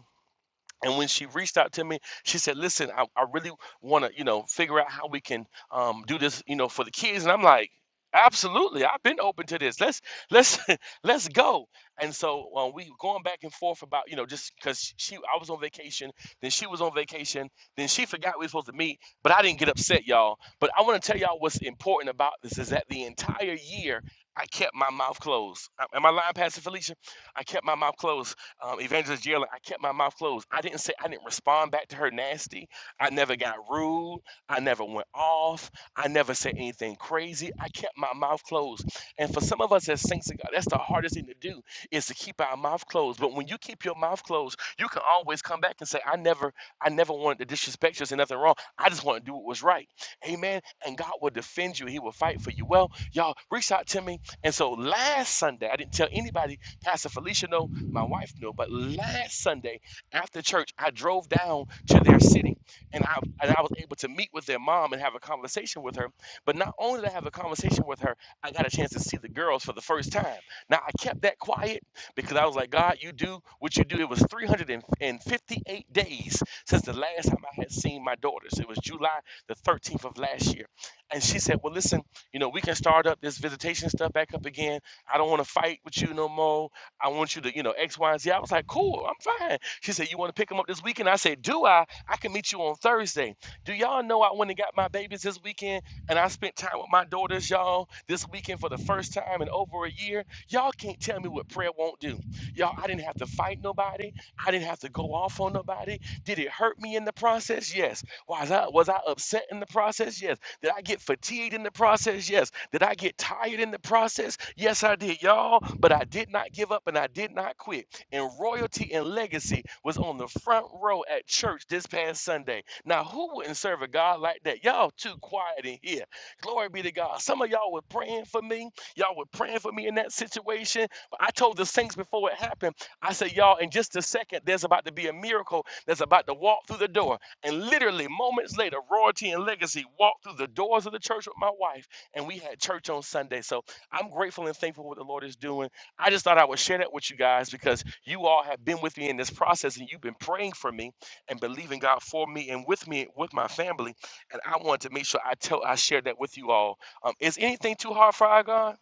C: and when she reached out to me, she said, "Listen, I, I really want to, you know, figure out how we can um, do this, you know, for the kids." And I'm like, "Absolutely, I've been open to this. Let's let's let's go." And so uh, we were going back and forth about, you know, just because she, I was on vacation, then she was on vacation, then she forgot we were supposed to meet, but I didn't get upset, y'all. But I want to tell y'all what's important about this is that the entire year I kept my mouth closed. Am I lying, Pastor Felicia? I kept my mouth closed um, Evangelist Jalen, I kept my mouth closed. I didn't say I didn't respond back to her nasty. I never got rude. I never went off. I never said anything crazy. I kept my mouth closed. And for some of us as saints of God, that's the hardest thing to do is to keep our mouth closed. But when you keep your mouth closed, you can always come back and say, I never, I never wanted to disrespect you. There's nothing wrong. I just want to do what was right. Amen. And God will defend you. He will fight for you. Well, y'all reach out to me. And so last Sunday, I didn't tell anybody, Pastor Felicia, no. My wife knew, but last Sunday after church, I drove down to their city and I, and I was able to meet with their mom and have a conversation with her. But not only did I have a conversation with her, I got a chance to see the girls for the first time. Now, I kept that quiet because I was like, God, you do what you do. It was 358 days since the last time I had seen my daughters. It was July the 13th of last year. And she said, Well, listen, you know, we can start up this visitation stuff back up again. I don't want to fight with you no more. I want you to, you know, X, Y, and Z. I was like, cool, I'm fine. She said, you want to pick them up this weekend? I said, do I? I can meet you on Thursday. Do y'all know I went and got my babies this weekend and I spent time with my daughters, y'all, this weekend for the first time in over a year? Y'all can't tell me what prayer won't do. Y'all, I didn't have to fight nobody. I didn't have to go off on nobody. Did it hurt me in the process? Yes. Was I was I upset in the process? Yes. Did I get fatigued in the process? Yes. Did I get tired in the process? Yes, I did, y'all. But I did not give up and I did not quit. And royalty and legacy was on the front row at church this past Sunday. Now, who wouldn't serve a God like that? Y'all too quiet in here. Glory be to God. Some of y'all were praying for me. Y'all were praying for me in that situation. But I told the saints before it happened, I said, y'all, in just a second, there's about to be a miracle that's about to walk through the door. And literally moments later, Royalty and Legacy walked through the doors of the church with my wife, and we had church on Sunday. So I'm grateful and thankful for what the Lord is doing. I just thought I would share that with you guys because you all have been with me in this process, and you've been praying for me and believing God for me and with me with my family. And I wanted to make sure I tell I share that with you all. Um, is anything too hard for our God?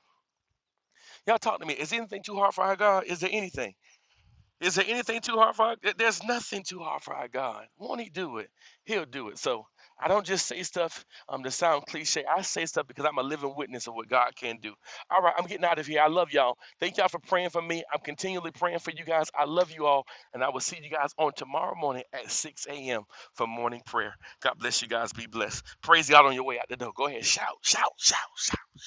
C: Y'all talk to me. Is anything too hard for our God? Is there anything? Is there anything too hard for our, there- there's nothing too hard for our God. Won't he do it? He'll do it. So I don't just say stuff um to sound cliche. I say stuff because I'm a living witness of what God can do. All right, I'm getting out of here. I love y'all. Thank y'all for praying for me. I'm continually praying for you guys. I love you all, and I will see you guys on tomorrow morning at 6 a.m. for morning prayer. God bless you guys. Be blessed. Praise God on your way out the door. Go ahead, shout, shout, shout, shout, shout.